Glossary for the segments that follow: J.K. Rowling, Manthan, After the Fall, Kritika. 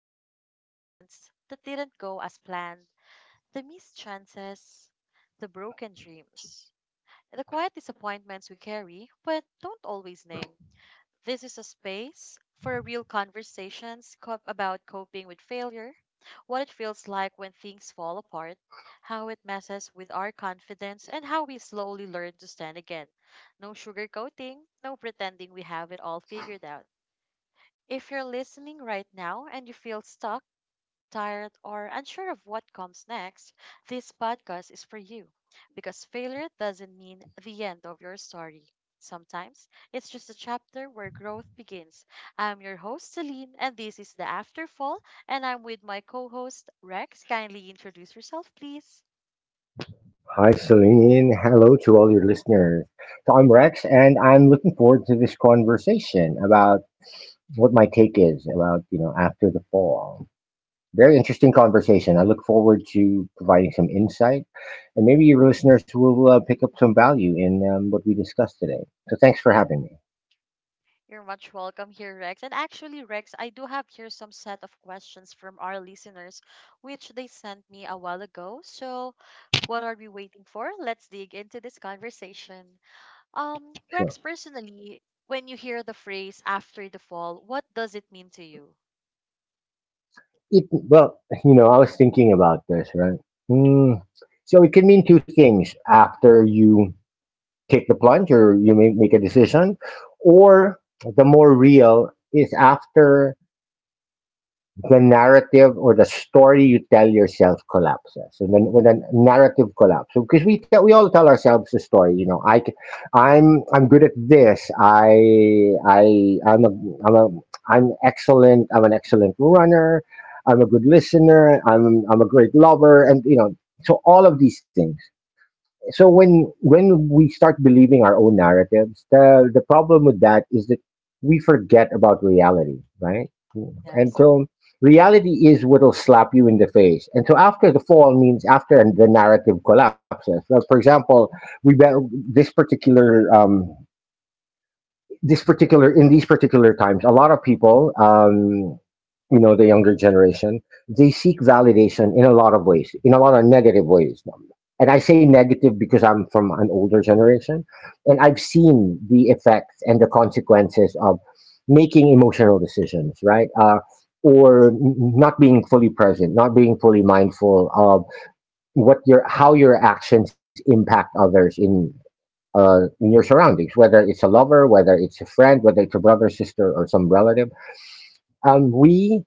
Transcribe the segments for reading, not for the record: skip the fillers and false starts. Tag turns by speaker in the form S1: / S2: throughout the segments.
S1: sit with the moments that didn't go as planned, the missed chances, the broken dreams, the quiet disappointments we carry but don't always name. This is a space for real conversations about coping with failure, what it feels like when things fall apart, how it messes with our confidence, and how we slowly learn to stand again. No sugarcoating, no pretending we have it all figured out. If you're listening right now and you feel stuck, tired, or unsure of what comes next, this podcast is for you. Because failure doesn't mean the end of your story. Sometimes it's just a chapter where growth begins. I'm your host, Celine, and this is the Afterfall, and I'm with my co host, Rex. Kindly introduce yourself, please.
S2: Hi, Celine. Hello to all your listeners. So I'm Rex, and I'm looking forward to this conversation about what my take is about after the fall. Very interesting conversation. I look forward to providing some insight, and maybe your listeners will pick up some value in what we discussed today. So thanks for having me.
S1: You're much welcome here, Rex. And actually, Rex, I do have here some set of questions from our listeners, which they sent me a while ago. So, what are we waiting for? Let's dig into this conversation.
S2: Sure.
S1: Rex, personally, when you hear the phrase after the fall, what does it mean to you?
S2: Well, I was thinking about this, right? Hmm. So it can mean two things: after you take the plunge, or you may make a decision, or the more real is after the narrative or the story you tell yourself collapses. And then when the narrative collapses, because we all tell ourselves the story. I'm good at this I I'm a I'm a I'm excellent I'm an excellent runner. I'm a good listener. I'm a great lover and you know So all of these things. So when we start believing our own narratives, the problem with that is that we forget about reality, right? And
S1: Yes,
S2: so reality is what'll slap you in the face. And so after the fall means after the narrative collapses. So for example, we be- this particular in these particular times, a lot of people, the younger generation, they seek validation in a lot of ways, in a lot of negative ways. And I say negative because I'm from an older generation, and I've seen the effects and the consequences of making emotional decisions, right? Or not being fully present, not being fully mindful of what your how your actions impact others in your surroundings, whether it's a lover, whether it's a friend, whether it's a brother, sister, or some relative. Um, we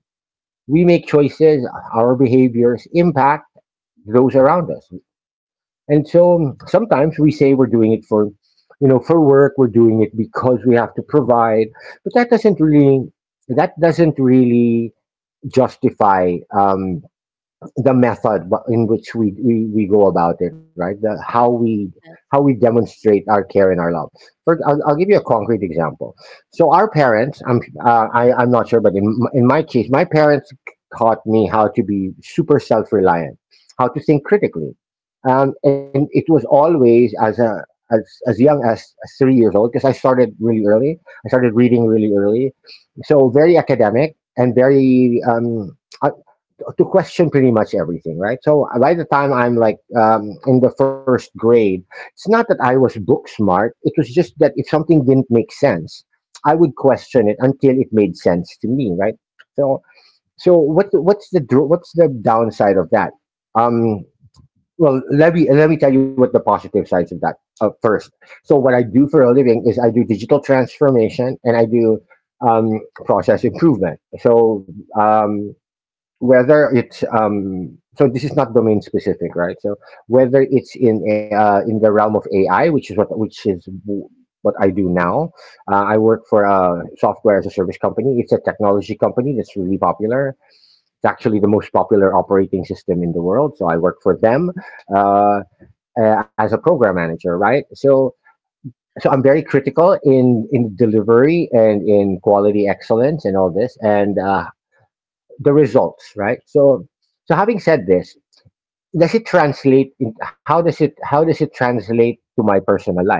S2: we make choices. Our behaviors impact those around us, and so sometimes we say we're doing it for work. We're doing it because we have to provide, but that doesn't really justify the method in which we go about it, right? How we how
S1: yes,
S2: we demonstrate our care and our love. I'll give you a concrete example. So our parents, I'm not sure, but in my case, my parents taught me how to be super self reliant, how to think critically, and it was always as young as 3 years old because I started really early. I started reading really early, so very academic and very to question pretty much everything, right? So by the time I'm like in the first grade, it's not that I was book smart. It was just that if something didn't make sense, I would question it until it made sense to me, right? So, so, what's the downside of that? Um, well, let me tell you what the positive sides of that first. So what I do for a living is I do digital transformation, and I do um, process improvement. So, um, whether it's so this is not domain specific, right? So whether it's in the realm of AI, which is what which is w- what I do now. I work for a software as a service company. It's a technology company that's really popular. It's actually the most popular operating system in the world, so I work for them uh, as a program manager, right? So I'm very critical in delivery and in quality excellence and all this, and the results, right? So, having said this, does it translate? How does it translate to my personal life?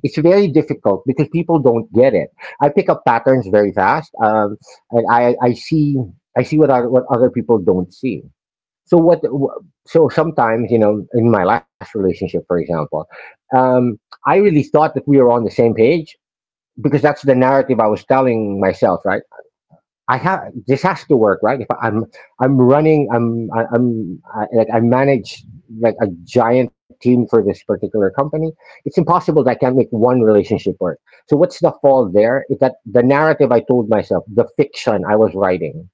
S2: It's very difficult because people don't get it. I pick up patterns very fast, and I see what other people don't see. So what? So sometimes in my last relationship, for example, um, I really thought that we were on the same page because that's the narrative I was telling myself, right? I have This has to work, right? If I'm running, like I manage like a giant team for this particular company. It's impossible that I can't make one relationship work. So what's the fall there? Is that the narrative I told myself, the fiction I was writing,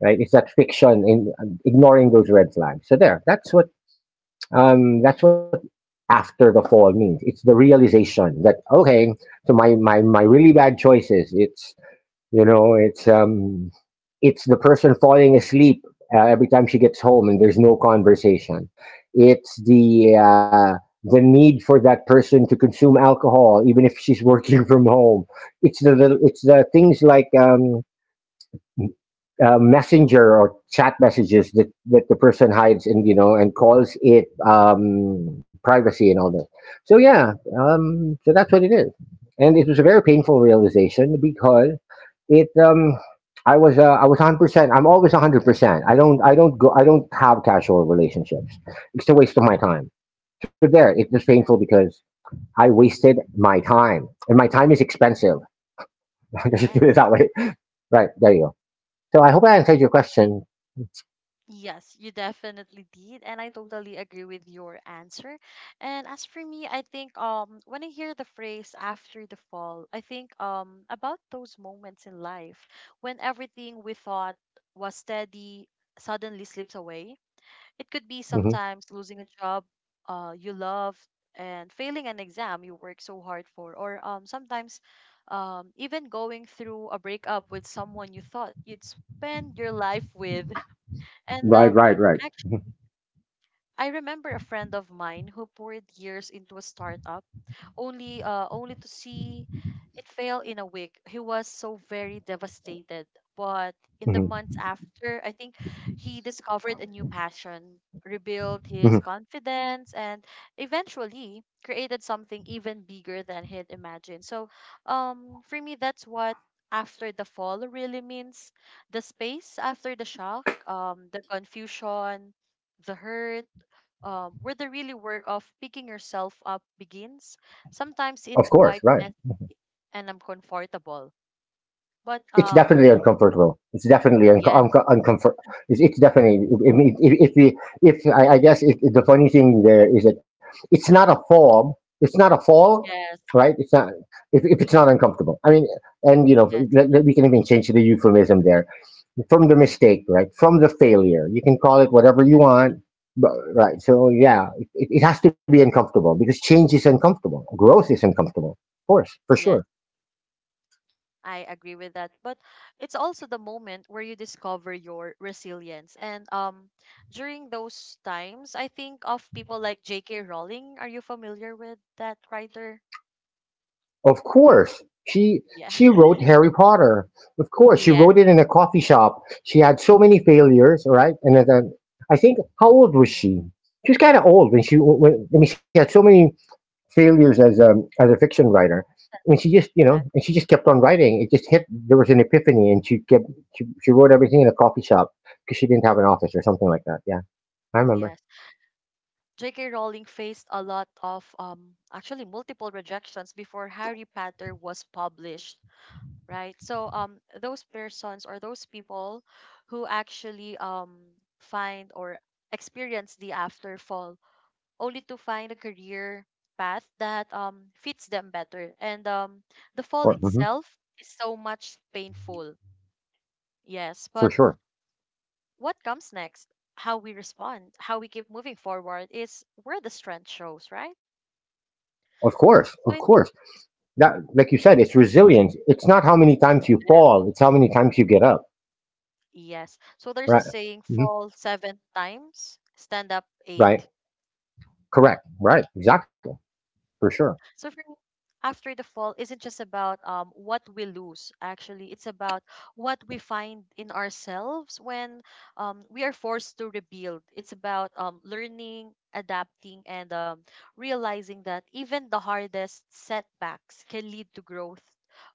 S2: right? It's that fiction in ignoring those red flags. So there, that's what after the fall means. It's the realization that okay, so my really bad choices. It's you know, it's the person falling asleep every time she gets home, and there's no conversation. It's the need for that person to consume alcohol, even if she's working from home. It's the things like messenger or chat messages that the person hides, and you know and calls it privacy and all that. So yeah, so that's what it is, and it was a very painful realization because it. I was 100%. I'm always 100%. I don't have casual relationships. It's a waste of my time. So there, it was painful
S1: yes,
S2: because I wasted my time, and my time is expensive. Let's just put
S1: yes.
S2: it that way. Right, there you go. So I hope I answered your question.
S1: Yes, you definitely did, and I totally agree with your answer. And as for me, I think when I hear the phrase after the fall, I think about those moments in life when everything we thought was steady suddenly slips away. It could be
S2: Mm-hmm.
S1: sometimes losing a job you love and failing an exam you work so hard for, or sometimes even going through a breakup with someone you thought you'd spend your life with. And
S2: Right, right, right.
S1: actually, I remember a friend of mine who poured years into a startup only only to see it fail in a week. He was so very devastated. But in the
S2: Hmm.
S1: months after, I think he discovered a new passion, rebuilt his
S2: Hmm.
S1: confidence, and eventually created something even bigger than he'd imagined. So, for me, that's what after the fall really means, the space after the shock, the confusion, the hurt, where the really work of picking yourself up begins. Sometimes
S2: Of
S1: it's
S2: course,
S1: quite
S2: right.
S1: mess and uncomfortable. But
S2: It's definitely uncomfortable. It's definitely
S1: yes,
S2: uncomfort. It's definitely. I mean, if, we, if I, I guess if the funny thing there is that it's not a fall. It's not a fall,
S1: yes,
S2: right? It's not, if it's not uncomfortable. I mean, and
S1: yes,
S2: we can even change the euphemism there from the mistake, right? From the failure. You can call it whatever you
S1: yes,
S2: want, but, right? So yeah, it has to be uncomfortable because change is uncomfortable. Growth is uncomfortable, of course, for sure.
S1: yes. I agree with that. But it's also the moment where you discover your resilience. And during those times, I think of people like J.K. Rowling. Are you familiar with that writer?
S2: Of course. She
S1: Yeah.
S2: she wrote Harry Potter. Of course, she
S1: Yes.
S2: wrote it in a coffee shop. She had so many failures, all right? And I think, how old was she? She was kind of old when I mean, she had so many failures as a fiction writer. And she just, you know,
S1: That.
S2: and she just kept on writing. It just hit, there was an epiphany, and she wrote everything in a coffee shop because she didn't have an office or something like that. Yeah. I remember.
S1: Yes. J.K. Rowling faced a lot of, actually, multiple rejections before Harry Potter was published, right? So, those persons or those people who actually find or experience the afterfall only to find a career path that fits them better. And the fall
S2: Mhm,
S1: itself is so much painful, yes,
S2: for
S1: but
S2: sure.
S1: what comes next? How we respond, how we keep moving forward is where the strength shows, right?
S2: Of course. Of
S1: So it.
S2: course. That, like you said, it's resilience. It's not how many times you
S1: Yes,
S2: fall, it's how many times you get up,
S1: yes. So there's a
S2: right.
S1: saying,
S2: Hmm.
S1: fall seven times, stand up
S2: Right.
S1: eight.
S2: Correct, right. Exactly. For sure.
S1: So for me, after the fall isn't just about what we lose. Actually, it's about what we find in ourselves when we are forced to rebuild. It's about learning, adapting, and realizing that even the hardest setbacks can lead to growth,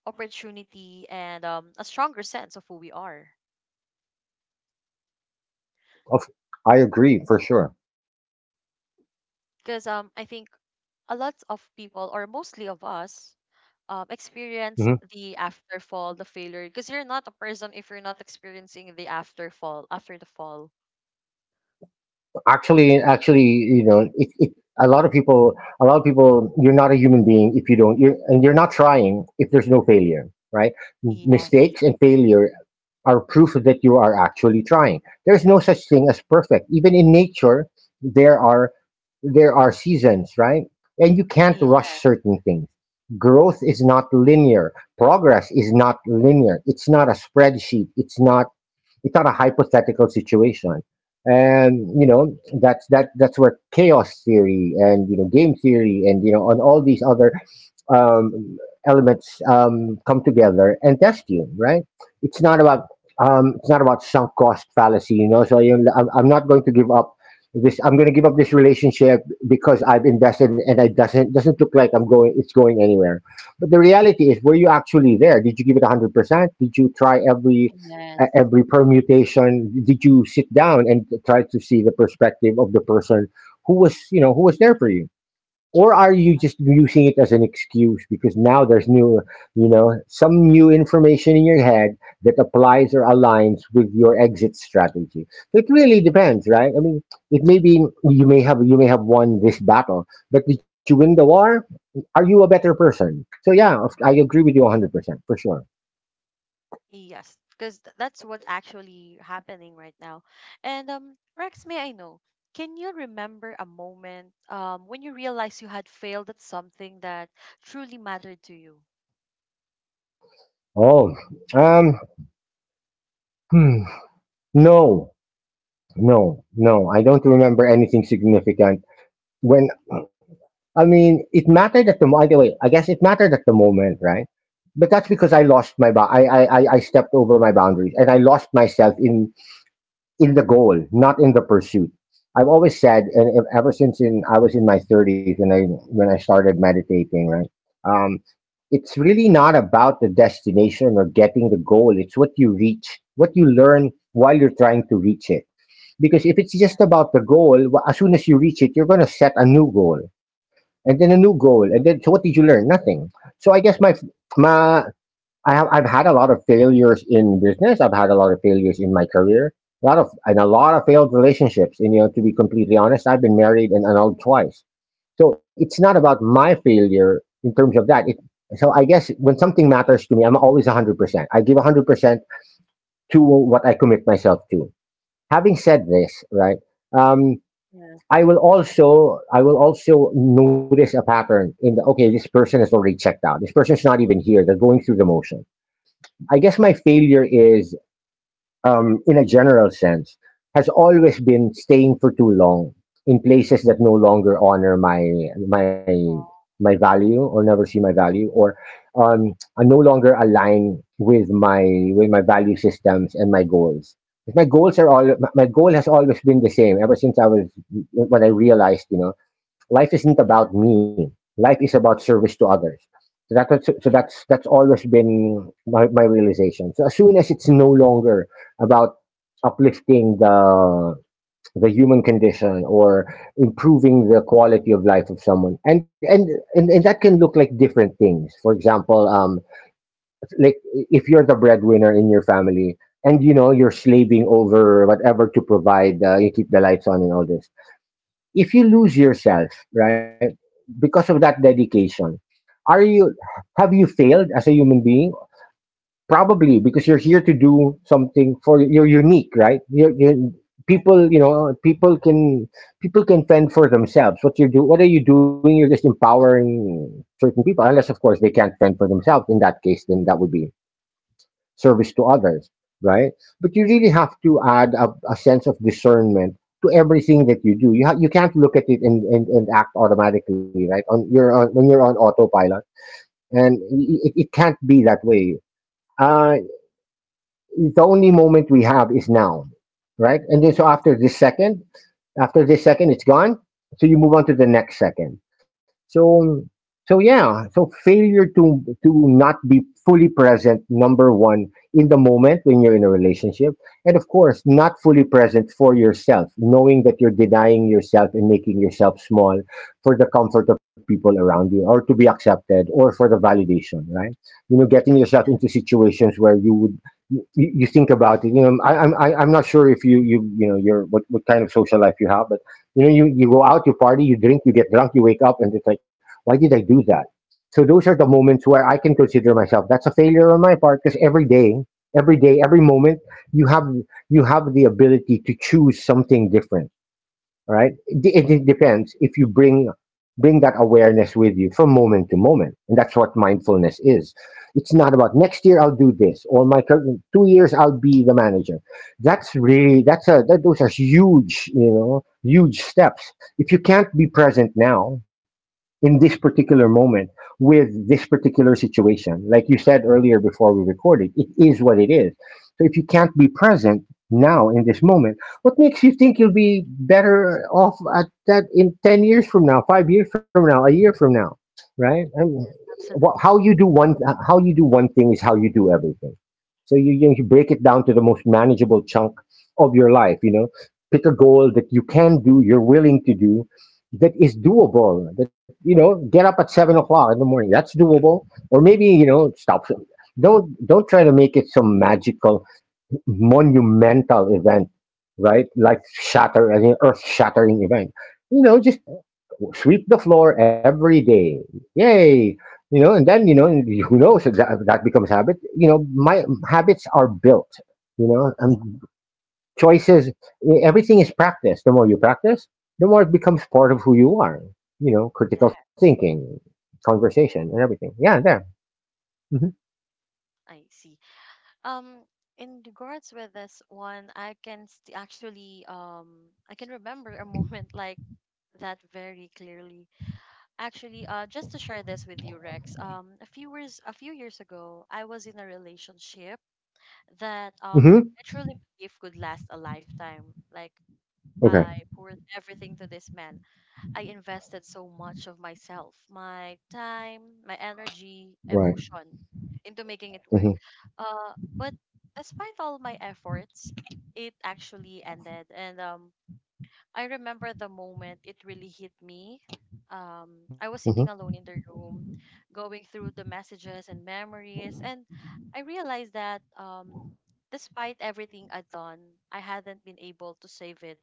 S1: opportunity, and a stronger sense of who we are,
S2: of, I agree, for sure.
S1: because I think a lot of people, or mostly of us,
S2: Hmm.
S1: experience the after fall, the failure, because you're not a person if you're not experiencing the after fall, after the fall.
S2: Actually, a lot of people a lot of people, you're not a human being if you don't, and you're not trying if there's no failure, right.
S1: Yes,
S2: Mistakes and failure are proof that you are actually trying. There's no such thing as perfect. Even in nature, there are there are seasons, right? And you can't
S1: yes,
S2: rush certain things. Growth is not linear. Progress is not linear. It's not a spreadsheet. It's not, it's not a hypothetical situation, and that's where chaos theory and game theory and you know and all these other um, elements come together and test you, right. it's not about it's not about sunk cost fallacy. So I'm not going to give up this relationship because I've invested, and it doesn't look like I'm going it's going anywhere. But the reality is, were you actually there? Did you give it 100%? Did you try every
S1: yes,
S2: every permutation? Did you sit down and try to see the perspective of the person who was there for you? Or are you
S1: yes.
S2: just using it as an excuse because now there's new you know some new information in your head that applies or aligns with your exit strategy? So it really depends, right? I mean, it may be you may have won this battle, but did you win the war? Are you a better person? So yeah, I agree with you 100%, for sure.
S1: Yes, because that's what's actually happening right now. And Rex, may I know, can you remember a moment when you realized you had failed at something that truly mattered to you?
S2: Oh, um hmm. No, no, no. I don't remember anything significant. When I mean, it mattered by the way. I guess it mattered at the moment, right? But that's because I
S1: Yes,
S2: lost my ba- I stepped over my boundaries and I lost myself in the goal, not in the pursuit. I've always said, and ever since in I was in my thirties when I started meditating, right? Um, it's really not about the destination or getting the goal. It's what you reach, what you learn while you're trying to reach it, because if it's just
S1: yes,
S2: about the goal, as soon as you reach it, you're going to set a new goal and then a new goal. And then, so what did you learn? Nothing. So I guess my, I've had a lot of failures in business. I've had a lot of failures in my career. A lot of, and a lot of failed relationships. And, you know, to be completely honest, I've been married and annulled twice. So it's not about my failure in terms of that. So I guess when something matters to me, I'm always 100%. I give 100% to what I commit myself to. Having said this, right? Um,
S1: yes.
S2: I will also notice a pattern in the, okay, this person has already checked out. This person's not even here. They're going through the motion. I
S1: Mhm.
S2: guess my failure is, in a general sense, has always been staying for too long in places that no longer honor my my
S1: Oh,
S2: my value, or never see my value, or um, are no longer align with my value systems and my goals. If My goals are all my my goal has always been the same ever since I was when I realized, you know, life isn't
S1: yeah,
S2: about me. Life is about service to others. So so
S1: yeah,
S2: that's always been my, realization. So as soon as it's no longer about uplifting the human condition, or improving the quality of life of someone, and that can look like different things. For example, like, if you're the breadwinner in your family and you know you're slaving over whatever to provide, you keep the lights on and all this, if you lose yourself, right, because of that dedication, are you have you failed as a human being? Probably, because you're here to do something, for you're unique, right?
S1: yeah,
S2: People, you know, people can fend for themselves. What you do, what are you doing? You're just empowering certain people, unless of course they can't fend for themselves. In that case, then that would be service to others, right? But you really have to add a sense of discernment to everything that you do. You can't look at it and, and act automatically, right? On you're on when you're on autopilot, and it can't be that way. Uh, the only moment we have is now, right? And then, so
S1: yes.
S2: after this
S1: Agree.
S2: second, it's gone. So you move on to the next second. So so yeah. So failure to, not be fully present, number one, in the moment when you're in a relationship, and of course, not fully present for yourself, knowing that you're denying yourself and making yourself small for the comfort of people around you, or to be accepted, or for the validation, right? You know, getting yourself into situations where you think about it. You know, I'm not sure if your what kind of social life you have, but you know, you go out, you party, you drink, you get drunk, you wake up, and it's like, why did I do that? So those are the moments where I can consider myself that's a failure on my part, because every day, every moment, you have you have the ability to choose something different, right?
S1: Yes,
S2: Depends if you bring, that awareness with you from moment to moment, and that's what mindfulness is. It's not about next year I'll do this, or 2 years I'll be the manager. That's really, those are huge, you know, huge steps. If you can't be present now, in this particular moment, with this particular situation. Like you said earlier before we recorded, it is what it is. So if you can't be present now in this moment, what makes you think you'll be better off at that in 10 years from now, 5 years from now, a year from now, right? I mean, wha-
S1: absolutely.
S2: how you do one how you do one thing is how you do everything. So you break it down to the most manageable chunk of your life, you know. Pick a goal that you can do, you're willing to do, that is doable. That, you know, get up at 7 o'clock in the morning. That's doable. Or maybe, you know, stop. Don't try to make it some magical, monumental event, right? Like shatter, as an earth-shattering event. You know, just sweep the floor every day. Yay! You know, and then, you know, who knows? If That, that becomes habit. You know, my habits are built. You know, and choices, everything is practice. The more you practice, the more it becomes part of who you are. You know, critical
S1: Yes,
S2: thinking, conversation, and everything. Yeah, there. Hmm.
S1: I see. Um, in regards with this one, I can actually I can remember a moment like that very clearly. Actually, just to share this with you, Rex. A few years ago, I was in a relationship that
S2: Hmm.
S1: I truly believe could last a lifetime. Like,
S2: Okay.
S1: I poured everything to this man. I invested so much of myself, my time, my energy,
S2: Right.
S1: emotion, into making it
S2: Hmm.
S1: work. But despite all my efforts, it actually ended. And I remember the moment it really hit me. I
S2: Hmm.
S1: was sitting alone in the room, going through the messages and memories, and I realized that, despite everything I'd done, I hadn't been able to save it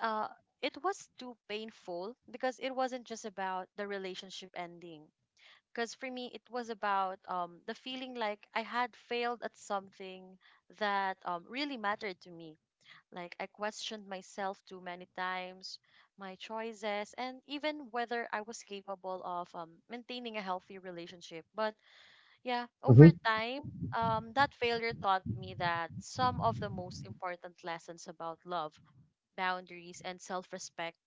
S1: uh, it was too painful, because it wasn't just about the relationship ending. Because for me, it was about, the feeling like I had failed at something that really mattered to me. Like, I questioned myself too many times, my choices, and even whether I was capable of maintaining a healthy relationship. But yeah,
S2: Hmm.
S1: over time, that failure taught me that some of the most important lessons about love, boundaries and self respect,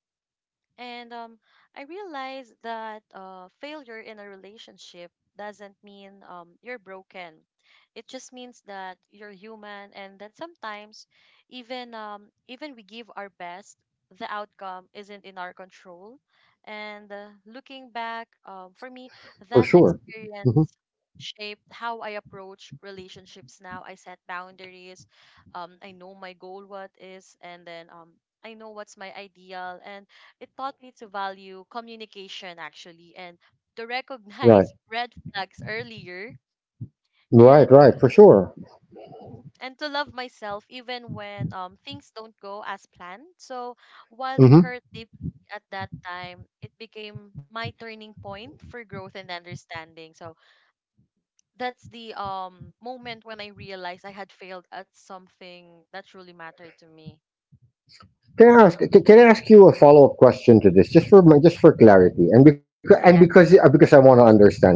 S1: and I realized that failure in a relationship doesn't mean you're broken. It just means that you're human, and that sometimes, even we give our best, the outcome isn't in our control. And looking back, for me,
S2: For
S1: that
S2: sure. Hmm.
S1: experience shaped how I approach relationships now. I set boundaries. I know my goal, what is, and then I know what's my ideal, and it taught me to value communication actually, and to
S2: Right.
S1: recognize red flags earlier,
S2: Right.
S1: and
S2: Right. For sure.
S1: and to love myself even when things don't go as planned. So while it
S2: Hmm.
S1: hurt deeply at that time, it became my turning point for growth and understanding. So that's the moment when I realized I had failed at something that truly mattered to me.
S2: Can I ask? Can I ask you a follow up question to this, just for my, just for clarity, and
S1: Yeah.
S2: because I want to understand, right?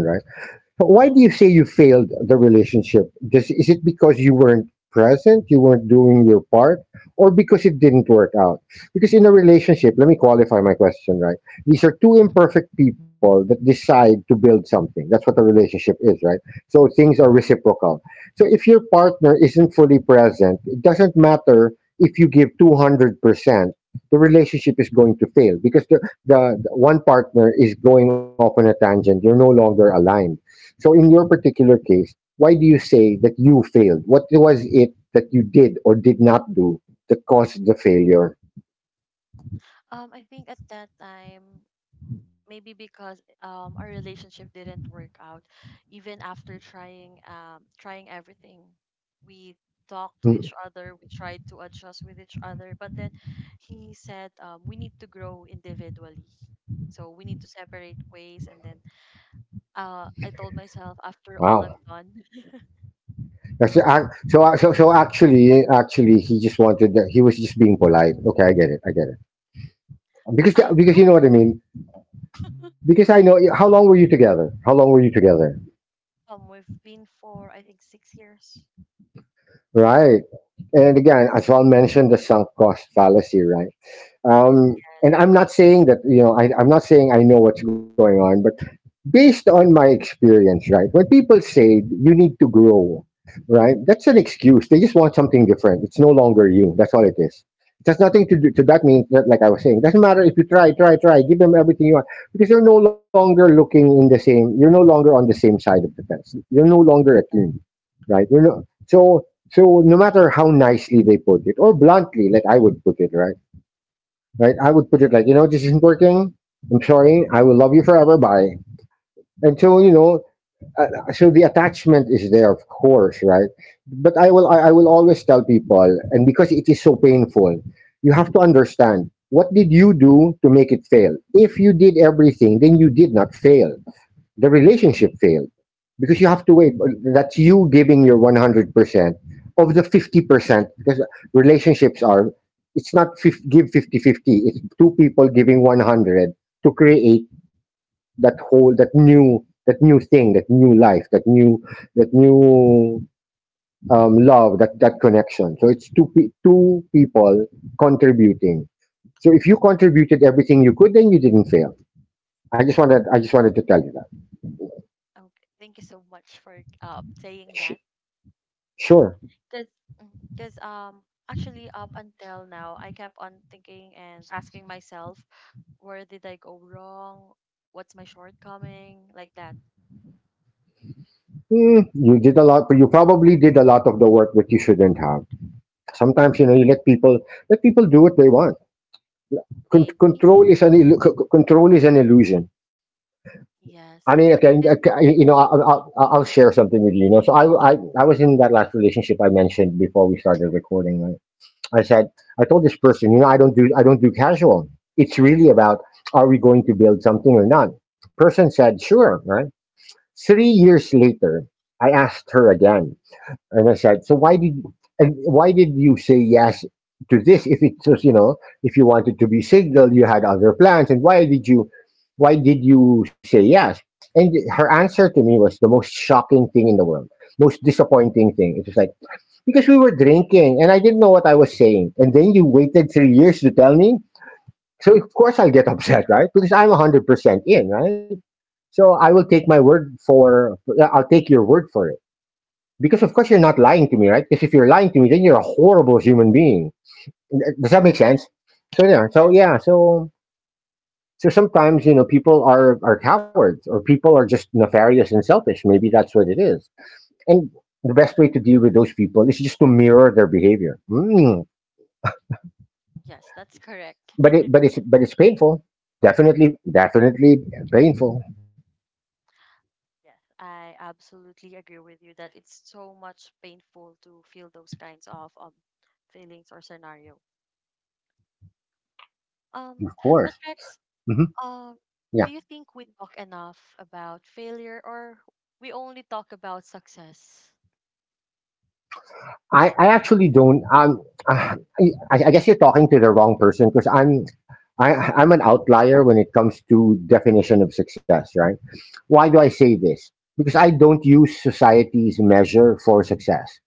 S2: So why do you say you failed the relationship? Just, is it because you weren't present, you weren't doing your part, or because it didn't work out? Because in a relationship, let me qualify my question, right? These are two imperfect people that decide to build something. That's what a relationship is, right? So things are reciprocal. So if your partner isn't fully present, it doesn't matter if you give 200%, the relationship is going to fail, because the one partner is going off on a tangent. You're no longer aligned. So in your particular case, why do you say that you failed? What was it that you did or did not do that caused the failure?
S1: I think at that time, maybe because our relationship didn't work out even after trying, trying everything. We talked to
S2: Hmm.
S1: each other, we tried to adjust with each other, but then he said, we need to grow individually, so we need to separate ways. And then I told myself, after all
S2: Wow.
S1: I've done.
S2: So, so actually, he just wanted that. He was just being polite. Okay, I get it. I get it. Because,
S1: I
S2: you
S1: don't
S2: know what I
S1: think,
S2: mean. Because I know, how long were you together? How long were you together?
S1: we've been for I think 6 years.
S2: Right. And again, as well mentioned, the sunk cost fallacy, right? And I'm not saying that, you know, I'm not saying I know what's going on, based on my experience, right? When people say you need to grow, right? That's an excuse. They just want something different. It's no longer you. That's all it is. It has nothing to do to, that means that, like I was saying, doesn't matter if you try, try, try, give them everything you want. Because you're no longer on the same side of the fence. You're no longer a team, right? You're no, so so no matter how nicely they put it, or bluntly, like I would put it, right? Right? I would put it like, you know, this isn't working. I'm sorry. I will love you forever. Bye. And so, you
S1: Yes.
S2: know, so the attachment is there, of course, right? But I will always tell people, and because it is so painful, you have to understand what did you do to make it fail. If you did everything, then you did not fail. The relationship failed, because you have to wait. That's you giving your 100% of the 50%, because relationships are. It's not give fifty-fifty. It's two people giving 100, to create that new life that new love, that connection. So it's two two people contributing. So if you contributed everything you could, then you didn't fail. I just wanted I just wanted to tell you that.
S1: Okay, thank you so much for saying that.
S2: Sh- sure.
S1: Cause, mm, cause um actually, up until now, I kept on thinking and asking myself, where did I go wrong? What's my shortcoming? Like that.
S2: Mm, you did a lot, but you probably did a lot of the work that you shouldn't have. Sometimes, you know, you let people do what they want.
S1: Maybe.
S2: Control is an illusion. I
S1: Yes.
S2: mean, okay,
S1: 'Cause-
S2: you know, I'll share something with you. You know, so I was in that last relationship I mentioned before we started recording. Right? I said, I told this person, you know, I don't do casual. It's really about, are we going to build something or not? The person said, sure, right? 3 years later, I asked her again. And I said, so why did and why did you say yes to this if it was you know if you wanted to be single you had other plans and why did you say yes? And her answer to me was the most shocking thing in the world, most disappointing thing. It was like because we were drinking and I didn't know what I was saying, and then you waited 3 years to tell me. So of course I'll get upset, right? Because I'm 100% in, right? So I'll take your word for because of course you're not lying to me, right? Because if you're lying to me, then you're a horrible human being. Does that make sense? So yeah, so
S1: yes,
S2: yeah, so so sometimes you know people are cowards or people are just nefarious and selfish. Maybe that's what it is. And the best way to deal with those people is just to mirror their behavior. Mm.
S1: yes, that's correct.
S2: But it but it's but it's painful. Definitely, definitely painful.
S1: Yes, I absolutely agree with you that it's so much painful to feel those kinds of feelings or scenario. Um,
S2: Of
S1: but
S2: course.
S1: Rex,
S2: Hmm.
S1: Um, do
S2: Yeah.
S1: you think we talk enough about failure, or we only talk about success?
S2: I actually don't. I, I guess you're talking to the wrong person because I'm an outlier when it comes to definition of success. Right? Why do I say this? Because I don't use society's measure for success.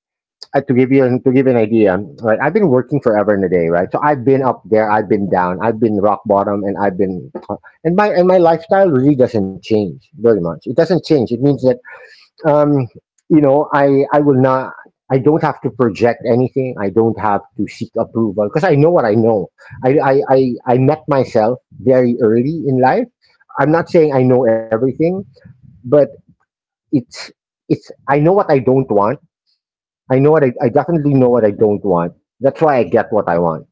S2: To give you an idea, right? I've been working forever and a day, right? So I've been up there, I've been down, I've been rock bottom, and I've been and my lifestyle really doesn't change very much. It doesn't change. It means that um, you know, I will not. I don't have to project anything. I don't have to seek approval because I know what I know. I I met myself very early in life. I'm not saying I know everything, but it's it's. I know what I don't want. I know what I definitely know what I don't want. That's why I get what I want.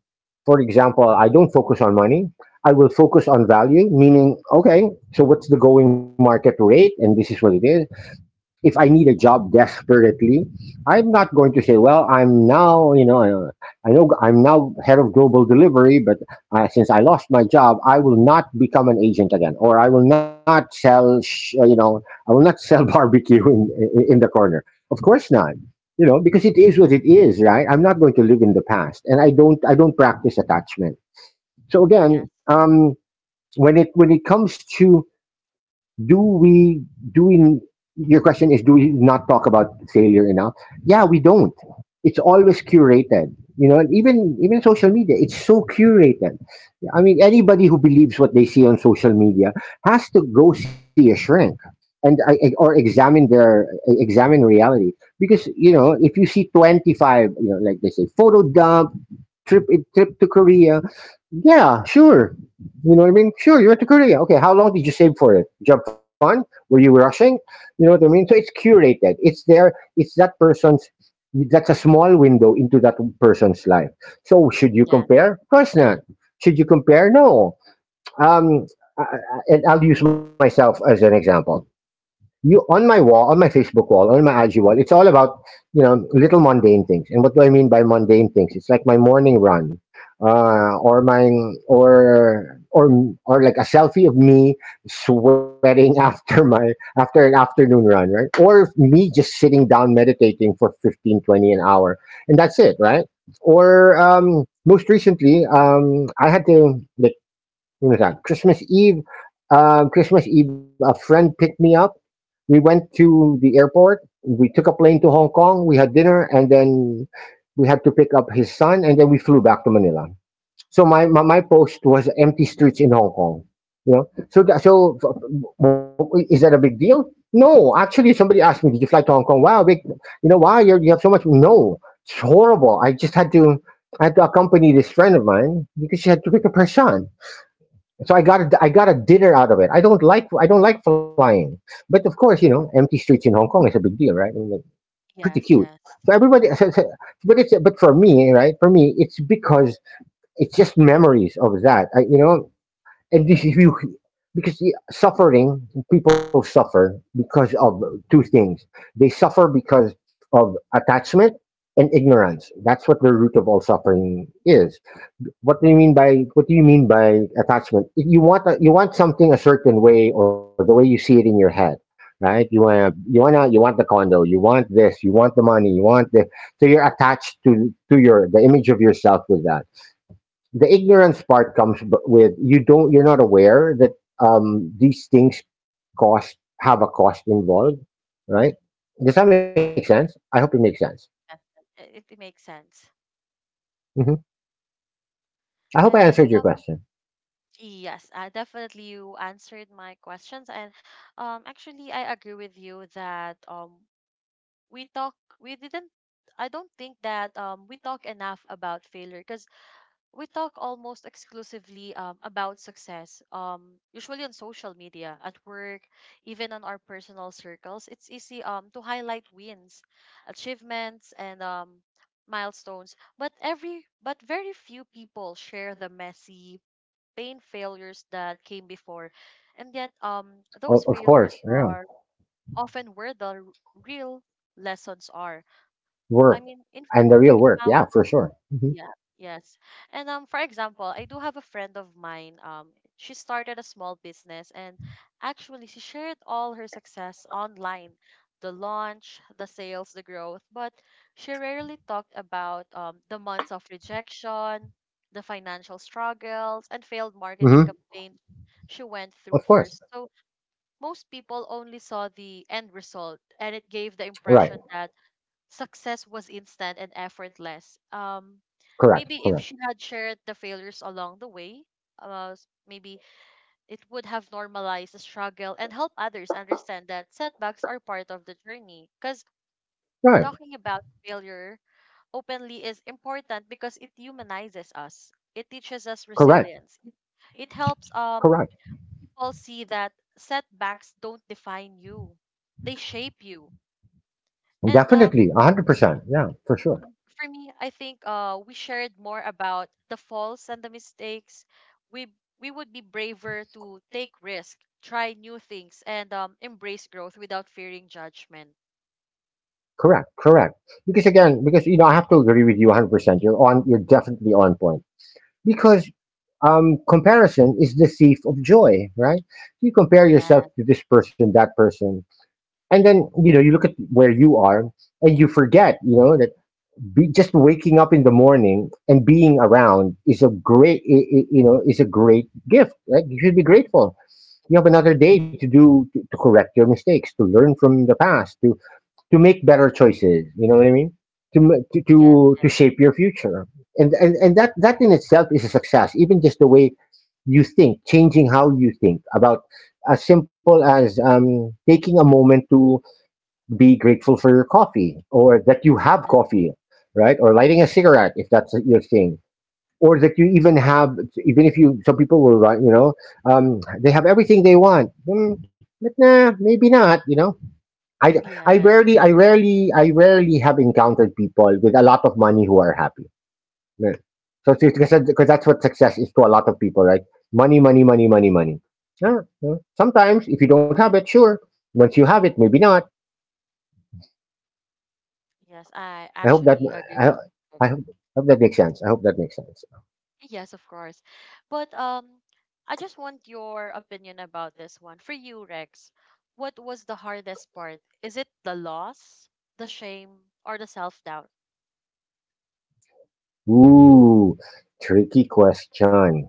S2: For example, I don't focus on money. I will focus on value, meaning okay. So what's the going market rate? And this is what it is if I need a job desperately, I'm not going to say, well, I'm now, I know I'm now head of global delivery, but since I lost my job, I will not become an agent again, or I will not you know, I will not sell barbecue in, in the corner. Of course not, you know, because it is what it is, right? I'm not going to live in the past, and I don't practice attachment. So
S1: Yes.
S2: again, when it comes to do we do we your question is do we not talk about failure enough? Yeah, we don't. It's always curated, you know, and even social media, it's so curated. I mean, anybody who believes what they see on social media has to go see a shrink and or examine their examine reality because you know if you see 25, you know, like they say, photo dump, trip trip to Korea, yeah, sure. You know what I mean? Sure, you went to Korea. Okay, how long did you save for it? Japan? Were you rushing? You know what I mean? So it's curated. It's there. It's that person's. That's a small window into that person's life. So should you
S1: Yes.
S2: compare? Of course not. Should you compare? No.
S1: Oh.
S2: Um, and I'll use myself as an example. You on my wall, on my Facebook wall, on my IG wall, it's all about you know little mundane things. And what do I mean by mundane things? It's like my morning run, or my or like a selfie of me sweating after my after an afternoon run, right? Or me just sitting down meditating for 15, 20 an hour, and that's it, right? Or most recently, I had to like Yunasan. Christmas Eve, Christmas Eve, a friend picked me up. We went to the airport. We took a plane to Hong Kong. We had dinner, and then we had to pick up his son, and then we flew back to Manila. So my post was empty streets in Hong Kong. You know, so is that a big deal? No, actually, somebody asked me, "Did you fly to Hong Kong?" Wow, big, you know, wow, you have so much. No, it's horrible. I had to accompany this friend of mine because she had to pick up her son. So I got a dinner out of it. I don't like flying, but of course you know empty streets in Hong Kong is a big deal, right? I mean, like, pretty
S1: Yes,
S2: cute.
S1: yes.
S2: So everybody, but it's but for me, right? For me, it's because it's just memories of that. I, you know, and this is you because the suffering people suffer because of two things. They suffer because of attachment and ignorance. That's what the root of all suffering is. What do you mean by attachment? If you want a, you want something a certain way or the way you see it in your head, right? You want the condo, you want this, you want the money, you want the so you're attached to your the image of yourself with that. The ignorance part comes with you don't you're not aware that these things cost have a cost involved, right? Does that make sense?
S1: Yes.
S2: I hope it makes sense.
S1: Yes. It makes sense.
S2: Hmm. I hope I
S1: And
S2: answered your question.
S1: yes, I definitely you answered my questions. And actually, I agree with you that, we talk we didn't I don't think that we talk enough about failure, because we talk almost exclusively, about success, usually on social media, at work, even on our personal circles. It's easy, to highlight wins, achievements, and milestones, but every but very few people share the messy pain failures that came before, and yet those
S2: O- of
S1: failures
S2: course,
S1: are
S2: yeah.
S1: often where the real lessons are. I
S2: Work
S1: mean, in
S2: and the real
S1: we
S2: work.
S1: found,
S2: Yeah, for sure. Hmm.
S1: yeah, yes. And for example, I do have a friend of mine. She started a small business, and actually she shared all her success online, the launch, the sales, the growth, but she rarely talked about the months of rejection, the financial struggles and failed marketing
S2: Hmm.
S1: campaign she went through
S2: Of
S1: first.
S2: course.
S1: So most people only saw the end result, and it gave the impression
S2: Right.
S1: that success was instant and effortless.
S2: Correct.
S1: Maybe if she
S2: Correct.
S1: had shared the failures along the way, maybe it would have normalized the struggle and help others understand that setbacks are part of the journey. Because
S2: Right.
S1: talking about failure openly is important, because it humanizes us. It teaches us
S2: Correct.
S1: resilience. It helps
S2: Correct.
S1: people see that setbacks don't define you; they shape you. And
S2: Definitely. 100%. Yeah, for sure.
S1: for me, I think we shared more about the faults and the mistakes. We we would be braver to take risk, try new things, and embrace growth without fearing judgment.
S2: Correct. Correct. Because again, because, you know, I have to agree with you 100%. You're on, you're definitely on point. Because comparison is the thief of joy, right? You compare yourself
S1: Yes,
S2: to this person, that person, and then you know you look at where you are, and you forget, you know, that just waking up in the morning and being around is a great you know is a great gift. Like you should be grateful you have another day to to correct your mistakes, to learn from the past, to make better choices, you know what I mean, to
S1: yes,
S2: to shape your future and, and that that in itself is a success, even just the way you think, changing how you think about, as simple as taking a moment to be grateful for your coffee or that you have
S1: yes,
S2: coffee, right? Or lighting a cigarette if that's your thing. Or that you even have, even if you, some people will, write, you know, they have everything they want. Mm, but nah, maybe not, you know. I,
S1: yes.
S2: I rarely have encountered people with a lot of money who are happy. Yeah. So, so, because that's what success is to a lot of people, right? Money, money, money, money, money. Yeah, yeah. Sometimes, if you don't have it, sure. Once you have it, maybe not.
S1: Yes, I
S2: I hope that
S1: actually agree with
S2: I,
S1: this.
S2: I hope, hope that makes sense. I hope that makes sense.
S1: Yes, of course. But I just want your opinion about this one. For you, Rex, what was the hardest part? Is it the loss, the shame, or the self-doubt?
S2: Ooh, tricky question.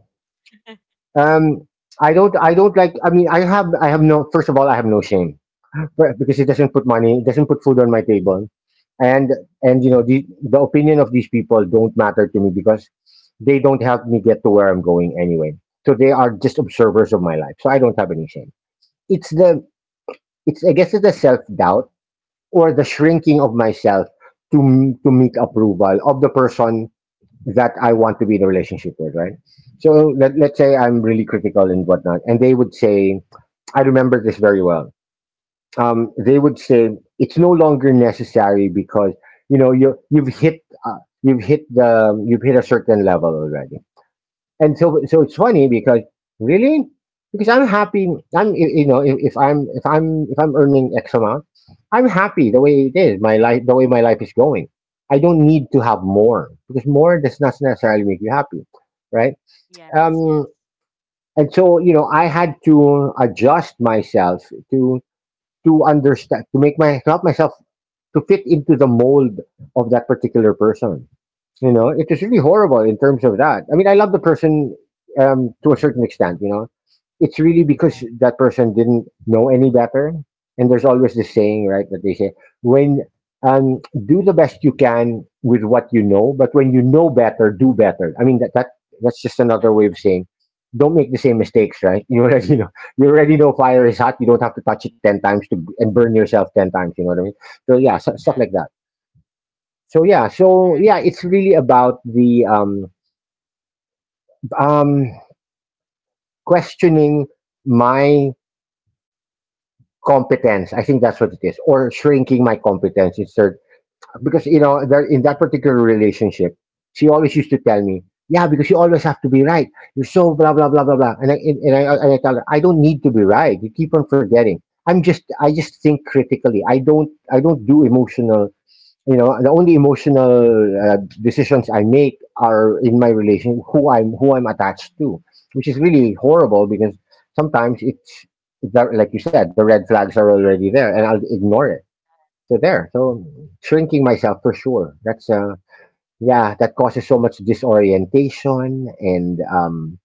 S2: Um, I don't. I don't like. I mean, I have no. First of all, I have no shame. Because it doesn't put money. It doesn't put food on my table, and and you know the opinion of these people don't matter to me because they don't help me get to where I'm going anyway. So they are just observers of my life. So I don't have any shame. It's the. It's. I guess it's the self doubt or the shrinking of myself to to meet approval of the person that I want to be in a relationship with, right? So let's say I'm really critical and whatnot, and they would say, I remember this very well. They would say it's no longer necessary because you know you've hit a certain level already and so it's funny because really because I'm happy. You know if, if I'm earning X amount, I'm happy the way it is. My life, the way my life is going. I don't need to have more because more does not necessarily make you happy, right?
S1: Yes,
S2: Um,
S1: yes.
S2: and so you know I had to adjust myself to understand to make my to help myself to fit into the mold of that particular person. You know, it is really horrible in terms of that. I mean, I love the person to a certain extent. You know, it's really because that person didn't know any better. And there's always this saying, right, that they say, when um, do the best you can with what you know, but when you know better, do better. I mean, that's just
S1: Yes.
S2: another way of saying, don't make the same mistakes, right? You already know fire is hot. You don't have to touch it 10 times to and burn yourself 10 times. You know what I mean? So yeah,
S1: That.
S2: so, stuff
S1: Uh,
S2: like that. It's really about the um questioning my competence. I think that's what it is, or shrinking my competence. It's her, because you know there, in that particular relationship, she always used to tell me, yeah, because you always have to be right, you're so blah blah blah blah blah. And I tell her, I don't need to be right. You keep on forgetting. I just think critically. I don't do emotional. You know, the only emotional uh, decisions I make are in my relation, who I'm attached to, which is really horrible because sometimes it's like you said, the red flags are already there, and I'll ignore it. So, shrinking myself for sure. That's Yeah, that causes so much disorientation and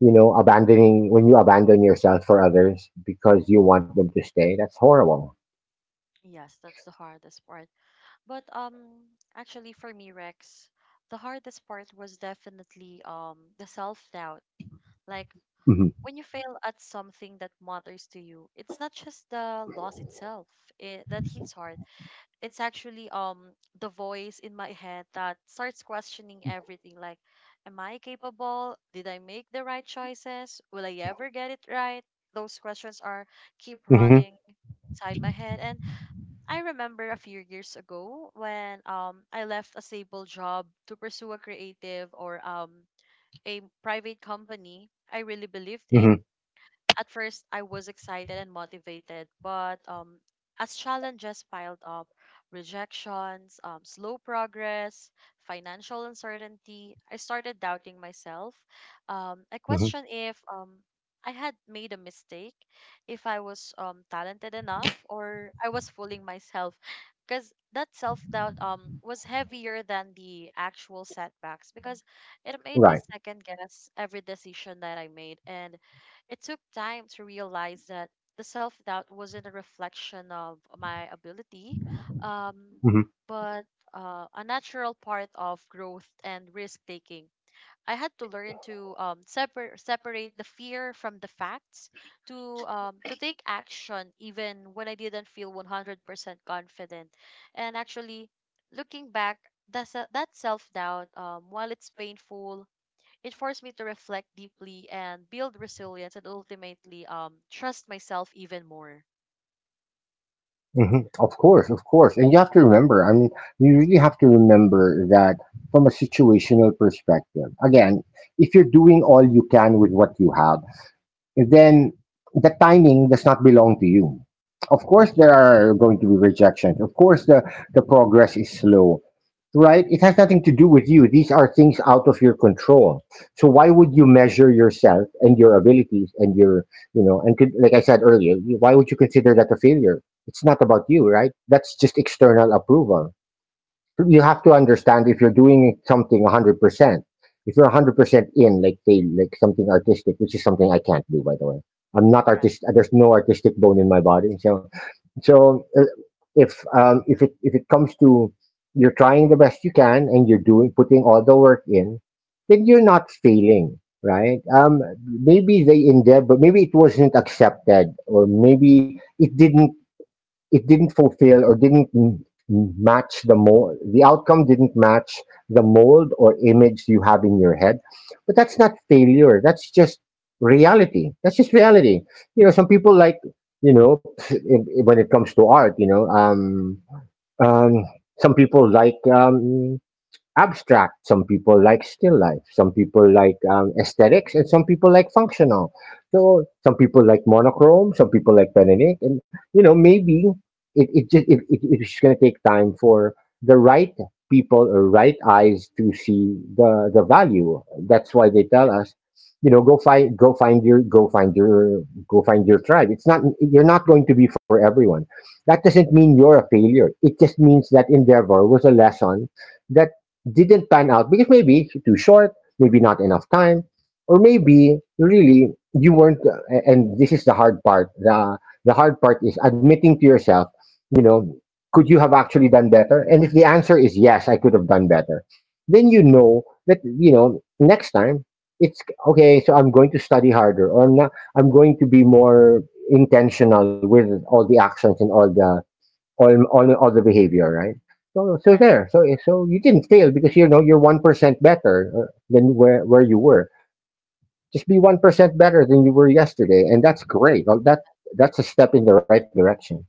S2: you know, abandoning when you abandon yourself for others because you want them to stay. That's horrible.
S1: Yes, that's the hardest part. But actually, for me, Rex, the hardest part was definitely the self-doubt. Like,
S2: Hmm.
S1: when you fail at something that matters to you, it's not just the loss itself, that hits hard. It's actually the voice in my head that starts questioning everything. Like am I capable? Did I make the right choices? Will I ever get it right? Those questions are keep
S2: Hmm.
S1: running inside my head. And I remember a few years ago when I left a stable job to pursue a creative or a private company I really believed
S2: Hmm.
S1: in. At first, I was excited and motivated, but as challenges piled up, rejections, slow progress, financial uncertainty, I started doubting myself. I
S2: Hmm.
S1: questioned if I had made a mistake, if I was talented enough, or I was fooling myself. Because that self doubt was heavier than the actual setbacks, because it made me
S2: Right.
S1: second guess every decision that I made. And it took time to realize that the self doubt wasn't a reflection of my ability, um,
S2: Mm-hmm.
S1: but a natural part of growth and risk taking. I had to learn to separate the fear from the facts, to take action even when I didn't feel 100% confident. And actually, looking back, that self doubt, while it's painful, it forced me to reflect deeply and build resilience and ultimately trust myself even more.
S2: Mhm. Of course, of course. And you have to remember, I mean, you really have to remember that from a situational perspective. Again, if you're doing all you can with what you have, then the timing does not belong to you. Of course, there
S1: Yeah.
S2: are going to be rejections. Of course, the progress is slow, right? It has nothing to do with you. These are things out of your control. So why would you measure yourself and your abilities and your, you know, and could, like I said earlier, why would you consider that a failure? It's not about you, right? That's just external approval. You have to
S1: y-
S2: understand if you're doing something 100%. If you're 100% in, like say, like something artistic, which is something I can't do, by the way. I'm not
S1: Yes.
S2: artistic. There's no artistic bone in my body, so so if if it comes to, you're trying the best you can and you're doing putting all the work in, then you're not failing, right? Maybe they endeavor, but maybe it wasn't accepted, or maybe it didn't fulfill, or didn't match the mold. The outcome didn't match the mold or image you have in your head, but that's not failure. That's just reality. You know, some people like, when it comes to art, you know, um some people like abstract, some people like still life, some people like aesthetics, and some people like functional. So some people like monochrome, some people like pen and ink, and you know, maybe it, it just it, it, it's going to take time for the right people or right eyes to see the value. That's why they tell
S1: Yeah.
S2: us, you know, go find your tribe. It's not You're not going to be for everyone. That doesn't mean you're a failure. It just means that endeavor was a lesson that didn't pan out because maybe too short, maybe not enough time, or maybe really you weren't. And this is the hard part. The hard part is admitting to yourself, you know, could you have actually done better? And if the answer is yes, I could have done better, then you know that, you know, next time it's okay. So I'm going to study harder, or I'm not. I'm going to be more intentional with all the actions and all the other behavior, right? So so
S1: Yes.
S2: there, so eh, so you didn't fail because you know you're 1% better than where you were. Just be 1% better than you were yesterday, and that's great. Oh, that's a step in the right direction.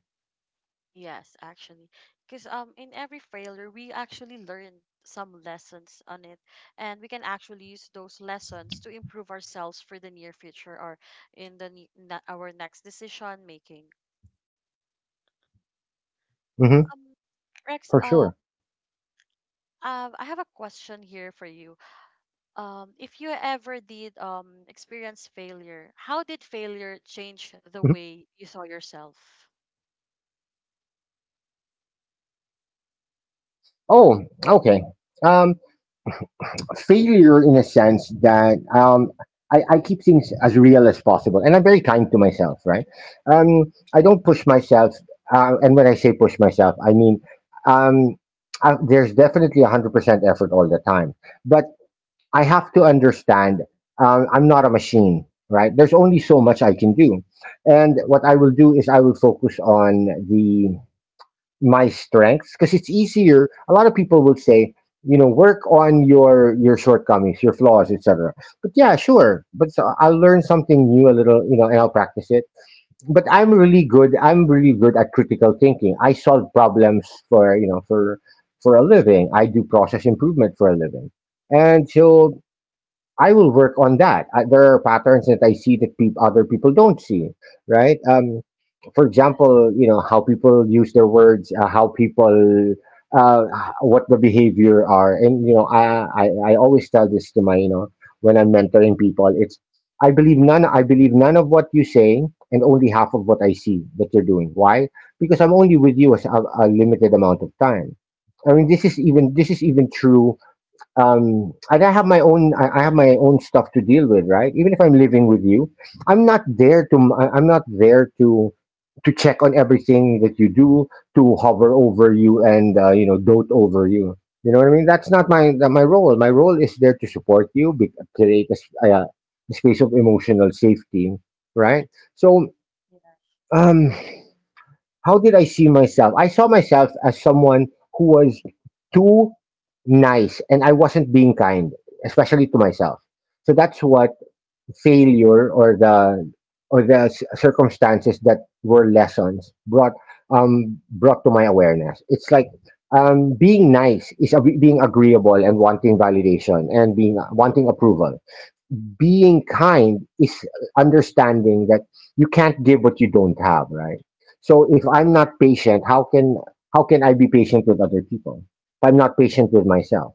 S1: Yes. Actually, because in every failure we actually learn some lessons on it, and we can actually use those lessons to improve ourselves for the near future or in the our next decision making.
S2: Hmm.
S1: Um, Rex,
S2: For sure.
S1: I have a question here for you. If you ever did experience failure, how did
S2: Hmm.
S1: failure change the way you saw yourself?
S2: Oh, okay. Um, Failure in a sense that I keep things as real as possible, and I'm very kind to myself. Right? I don't push myself, and when I say push myself, I mean, um, there's definitely 100% effort all the time, but I have to understand, I'm not a machine. Right? There's only so much I can do, and what I will do is I will focus on the my strengths because it's easier. A lot of people would say, you know, work on your shortcomings, your flaws, etc. But yeah, sure. But so I'll learn something new a little, you know, and I'll practice it. But I'm really good. I'm really good at critical thinking. I solve problems for you know for a living. I do process improvement for a living, and so I will work on that. There are patterns that I see that peop other people don't see, right? For
S1: Yes,
S2: example, you know how people use their words, how people, uh, what the behavior are, and you know I always tell this to my you know when I'm mentoring people, it's, I believe none of what you say and only half of what I see that you're doing. Why? Because I'm only with you as a limited amount of time. I mean, this is even true, and I have my own stuff to deal with, right? Even if I'm living with you, I'm not there to I- I'm not there to check on everything that you do, to hover over you and you know, dote over you. You know what I mean? That's not my role. My role is there to support you, create a space of emotional safety, right? So
S1: yeah,
S2: um, how did I see myself? I saw myself as someone who was too nice, and I wasn't being kind, especially to myself. So that's what failure or the circumstances that were lessons brought, brought to my awareness. It's like, being nice is being agreeable and wanting validation and being wanting approval. Being kind is understanding that you can't give what you don't have, right? So if I'm
S1: yeah, yeah,
S2: not patient, how can I be patient with other people? If I'm not patient with myself,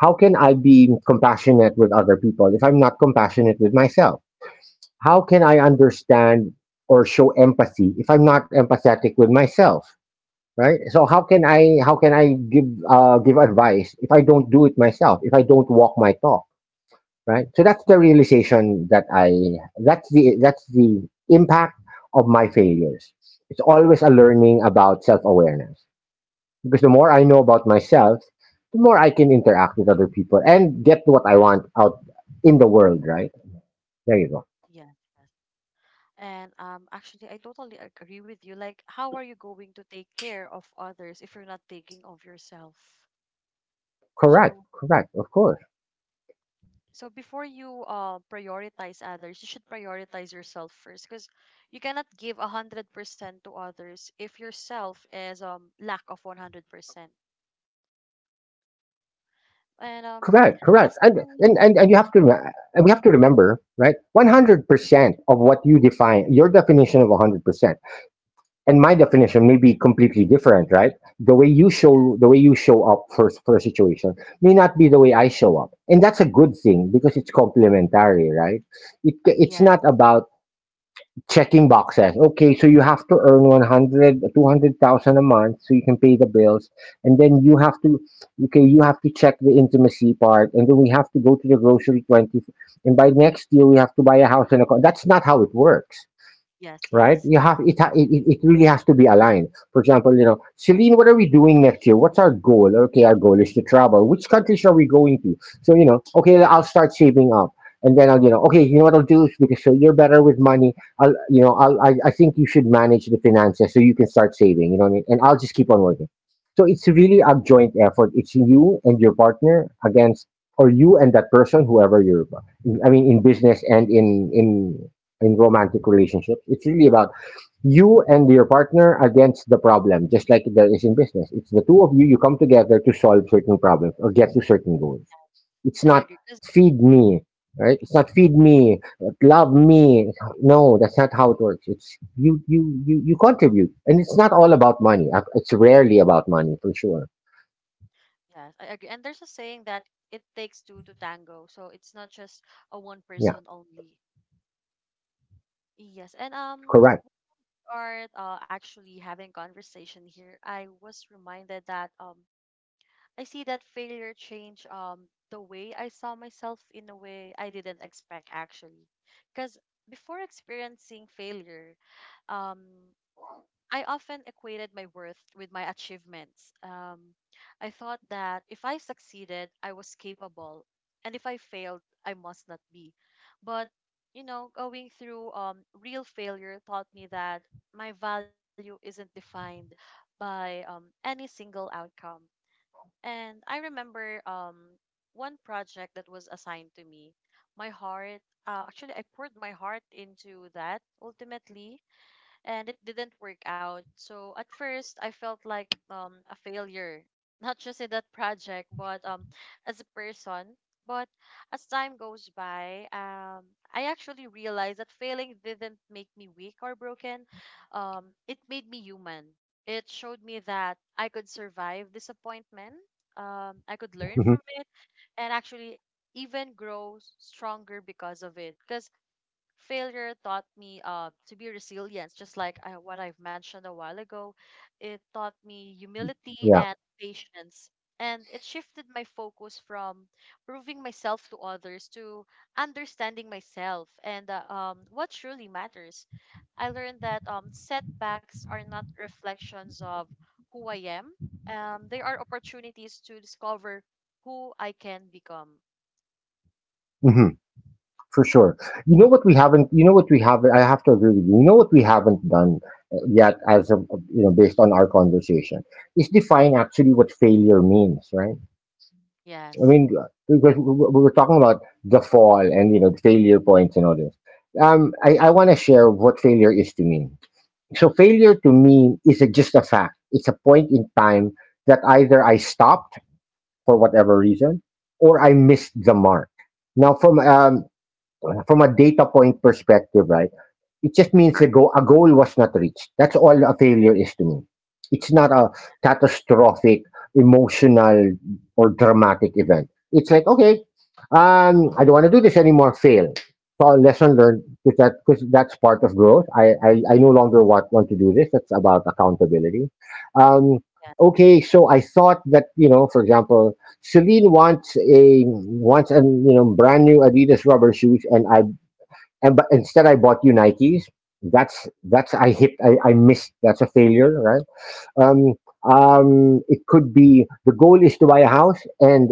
S2: how can I be compassionate with other people if I'm not compassionate with myself? How can I understand or show empathy if I'm not empathetic with myself? Right. So how can I give give advice if I don't do it myself? If I don't walk my talk? Right, so that's the realization that's the impact of my failures. It's always a learning about self-awareness, because the more I know about myself, the more I can interact with other people and get what I want out in the world. Right, there you go.
S1: yes. And actually, I totally agree with you. Like, how are you going to take care of others if you're not taking of yourself?
S2: Correct,
S1: So,
S2: correct, of course.
S1: so, before you prioritize others, you should prioritize yourself first, because you cannot give 100% to others if yourself is lack of 100%.
S2: Correct, correct, and
S1: And
S2: and and, and you
S1: as
S2: have to
S1: for
S2: rem-
S1: me,
S2: and we have to remember. Right, 100% of what you define, your definition of 100% and my definition may be completely different, right?
S1: yes,
S2: The way you show up for a situation may not be the way I show up, and that's a good thing because it's complementary, right? It's
S1: yes,
S2: not about checking boxes. Okay, so you have to earn 100, 200,000 a month so you can pay the bills, and then you have to okay, you have to check the intimacy part, and then we have to go to the grocery 20, and by next year we have to buy a house and a car. That's not how it works.
S1: yes,
S2: Right?
S1: yes.
S2: You have it, it. It really has to be aligned. For example, you know, Celine, what are we doing next year? What's our goal? Okay, our goal is to travel. Which countries are we going to? So you know, okay, I'll start saving up, and then I'll, you know, okay, you know what I'll do is, because so you're better with money, I'll, you know, I think you should manage the finances so you can start saving. You know what I mean? And I'll just keep on working. So it's really a joint effort. It's you and your partner against, or you and that person, whoever you're. I mean, in business and in romantic relationships. It's really about you and your partner against the problem, just like there is in business. It's the two of you, you come together to solve certain problems or get to certain goals. It's
S1: I
S2: not
S1: agree.
S2: feed me, right? It's not feed me, love me. No, that's not how it works. It's you, you, you, you contribute. And it's not all about money. It's rarely about money for sure.
S1: Yes, I agree. And there's a saying that it takes two to tango, so it's not just a
S2: Yeah,
S1: one person only. Yes, and
S2: correct.
S1: are actually having conversation here. I was reminded that I see that failure change the way I saw myself in a way I didn't expect actually, because before experiencing failure, um, I often equated my worth with my achievements. I thought that if I succeeded, I was capable, and if I failed, I must not be. But going through real failure taught me that my value isn't defined by any single outcome. And I remember one project that was assigned to me. My heart, Actually, I poured my heart into that ultimately and it didn't work out. So at first, I felt like a failure, not just in that project, but as a person. But as time goes by, I actually realized that failing didn't make me weak or broken. It made me human. It showed me that I could survive disappointment.
S2: Hmm.
S1: I could learn from it and actually even grow stronger because of it. Because failure taught me to be resilient, just like what I've mentioned a while ago. It taught me humility
S2: Yeah.
S1: and patience. And it shifted my focus from proving myself to others to understanding myself and what truly matters. I learned that setbacks are not reflections of who I am, they are opportunities to discover who I can become.
S2: Hmm. For sure. You know what we haven't. You know what we haven't. I have to agree with you. You know what we haven't done yet, as of, you know, based on our conversation, is define actually what failure means, right? I
S1: Yes.
S2: mean, because we were talking about the fall and, you know, the failure points and all this. I want to share what failure is to me. So failure to me is just a fact. It's a point in time that either I stopped for whatever reason or I missed the mark. Now, from a data point perspective, right? It just means a goal was not reached. That's all a failure is to me. It's not a catastrophic, emotional, or dramatic event. It's like, okay, I don't want to do this anymore. Fail. So lesson learned because that's part of growth. I no longer want to do this. That's about accountability. Um,
S1: Yes.
S2: okay, so I thought that, you know, for example, Celine wants a wants a you know brand new Adidas rubber shoes, and I and but instead I bought you Nikes. That's I hit I missed. That's a failure, right? Um, it could be the goal is to buy a house, and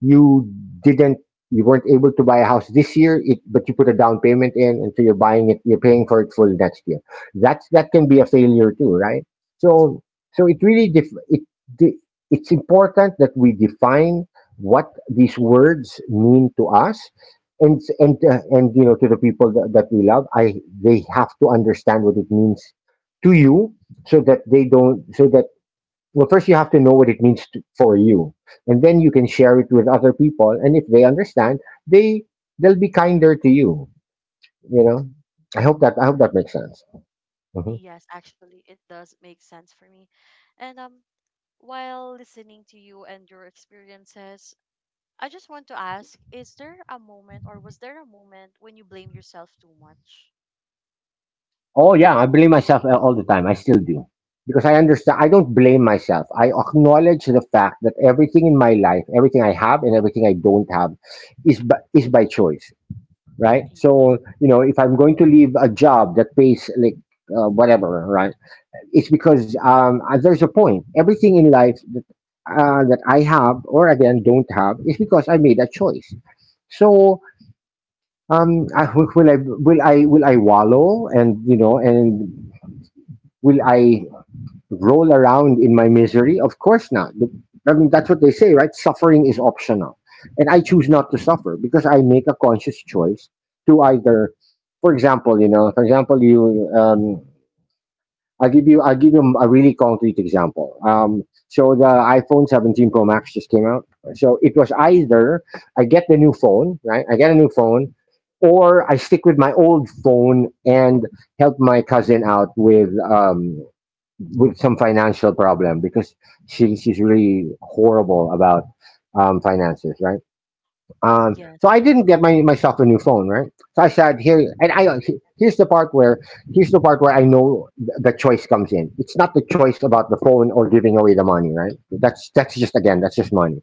S2: you didn't, you weren't able to buy a house this year, it, but you put a down payment in, and so you're buying it, you're paying for it full next year. That's that can be a failure too, right? So, so it really de- it's important that we define what these words mean to us and and, you know, to the people that, that we love. I They have to understand what it means to you so that well, first you have to know what it means to, for you, and then you can share it with other people, and if they understand, they they'll be kinder to you, you know. I hope that makes sense. Mhm.
S1: Yes, actually, it does make sense for me. And while listening to you and your experiences, I just want to ask, is there a moment or was there a moment when you blame yourself too much?
S2: Oh, yeah, I blame myself all the time, I still do, because I understand. I don't blame myself, I acknowledge the fact that everything in my life, everything I have and everything I don't have, is is by choice, right?
S1: Yes,
S2: So, you know, if I'm going to leave a job that pays like whatever, right? It's because there's a point. Everything in life that, that I have or again don't have is because I made a choice. So will I wallow and, you know, and will I roll around in my misery? Of course not. I mean, that's what they say, right? Suffering is optional, and I choose not to suffer because I make a conscious choice to either for example, you I'll give you. I'll give you a really concrete example. So the iPhone 17 Pro Max just came out. So it was either I get the new phone, right? I get a new phone, or I stick with my old phone and help my cousin out with some financial problem because she's really horrible about finances, right?
S1: yes,
S2: So I
S1: yes,
S2: didn't get myself a new phone, right? So I said here, and here's the part where here's the part where I know the choice comes in. It's not the choice about the phone or giving away the money, right? That's just
S1: yes,
S2: again, that's just money.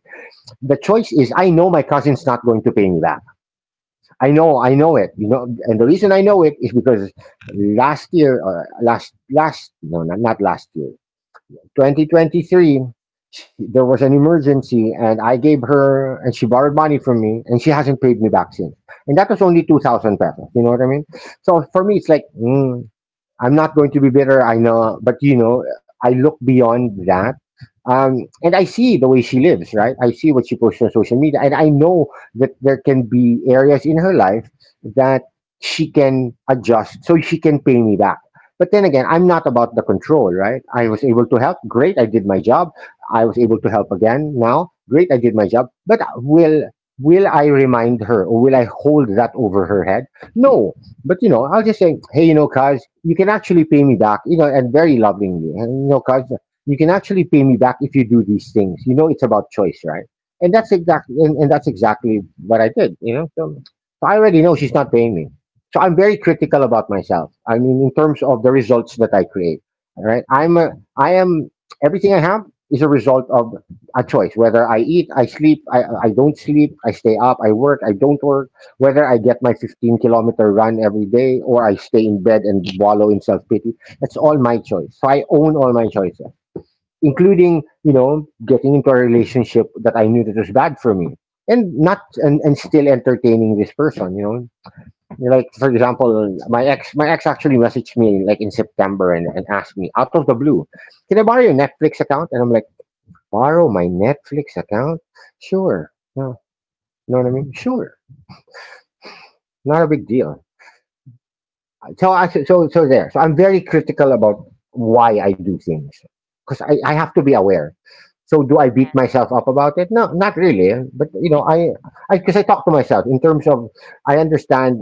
S2: The choice is I know my cousin's not going to pay me back. I know it, you know, and the reason I know it is because last year, last last no not, not last year, 2023, she, there was an emergency, and I gave her, and she borrowed money from me, and she hasn't paid me back since. And that was only 2,000 pesos. You know what I mean? So for me, it's like, I'm not going to be bitter. I know, but, you know, I look beyond that. And I see the way she lives, right? I see what she posts on social media, and I know that there can be areas in her life that she can adjust so she can pay me back. But then again, I'm not about the control, right? I was able to help. Great, I did my job. I was able to help again now. Great, I did my job. But will I remind her or will I hold that over her head? No, but you know, I'll just say, hey, you know, guys, you can actually pay me back, you know, and very lovingly, and you know, guys, you can actually pay me back if you do these things. You know, it's about choice, right? And that's exactly, and that's exactly what I did. You know, so, so I already know she's not paying me, so I'm very critical about myself. I mean, in terms of the results that I create, all right? I am everything I have is a result of a choice. Whether I eat, I sleep, I don't sleep, I stay up, I work, I don't work, whether I get my 15-kilometer run every day or I stay in bed and wallow in self pity, that's all my choice. So I own all my choices, including, you know, getting into a relationship that I knew that was bad for me and not, and still entertaining this person, you know. Like, for
S1: yes,
S2: example, my ex actually messaged me like in September, and asked me out of the blue, can I borrow your Netflix account? And I'm like, borrow my Netflix account? Sure. Yeah. You know what I mean? Sure. Not a big deal. So I so so so there. So I'm very critical about why I do things because I have to be aware. So do I beat
S1: yes,
S2: myself up about it? No, not really. But you know, I because I talk to myself in terms of I understand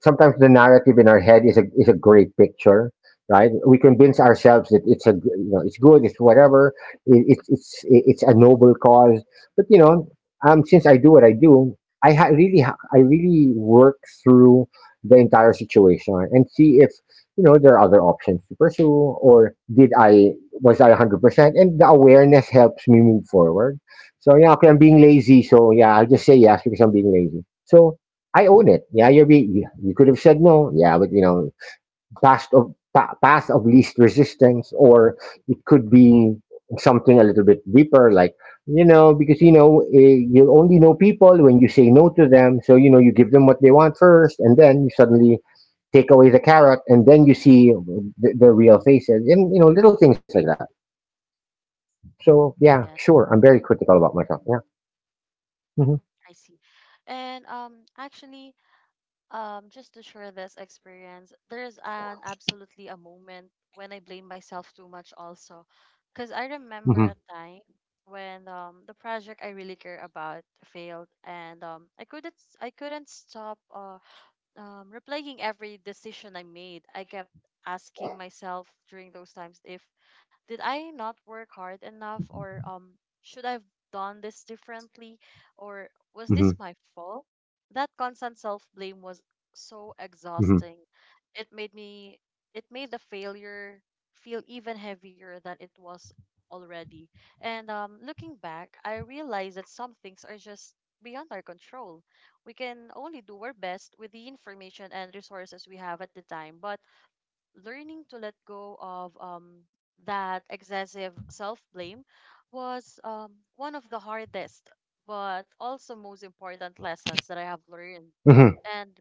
S2: sometimes the narrative in our head is a great picture, right? We convince ourselves that you know, it's good, it's whatever, it's it's a noble cause. But you know, since I do what I do, I really work through the entire situation and see if, you know, there are other options to pursue, or did I was I 100%? And the awareness helps me move forward. So yeah, okay, I'm being lazy, so yeah, I'll just say yes because I'm being lazy. So I own it. Yeah, you, you could have said no. Yeah, but you know, path of least resistance, or it could be something a little bit deeper, like, you know, because you know, you only know people when you say no to them. So, you know, you give them what they want first, and then you suddenly take away the carrot, and then you see the real faces, and you know, little things like that. So yeah,
S1: yes,
S2: sure, I'm very critical about myself. Yeah. Hmm.
S1: I see. And actually, just to share this experience, there's an absolutely a moment when I blame myself too much also. Because I remember
S2: Hmm.
S1: a time when the project I really care about failed and I couldn't stop replaying every decision I made, I kept asking myself during those times if did I not work hard enough or should I have done this differently or was this
S2: Hmm.
S1: my fault? That constant self-blame was
S2: Hmm.
S1: so exhausting. It made me it made the failure feel even heavier than it was already. And looking back, I realized that some things are just beyond our control. We can only do our best with the information and resources we have at the time. But learning to let go of that excessive self blame was one of the hardest, but also most important lessons that I have
S2: Hmm.
S1: learned. And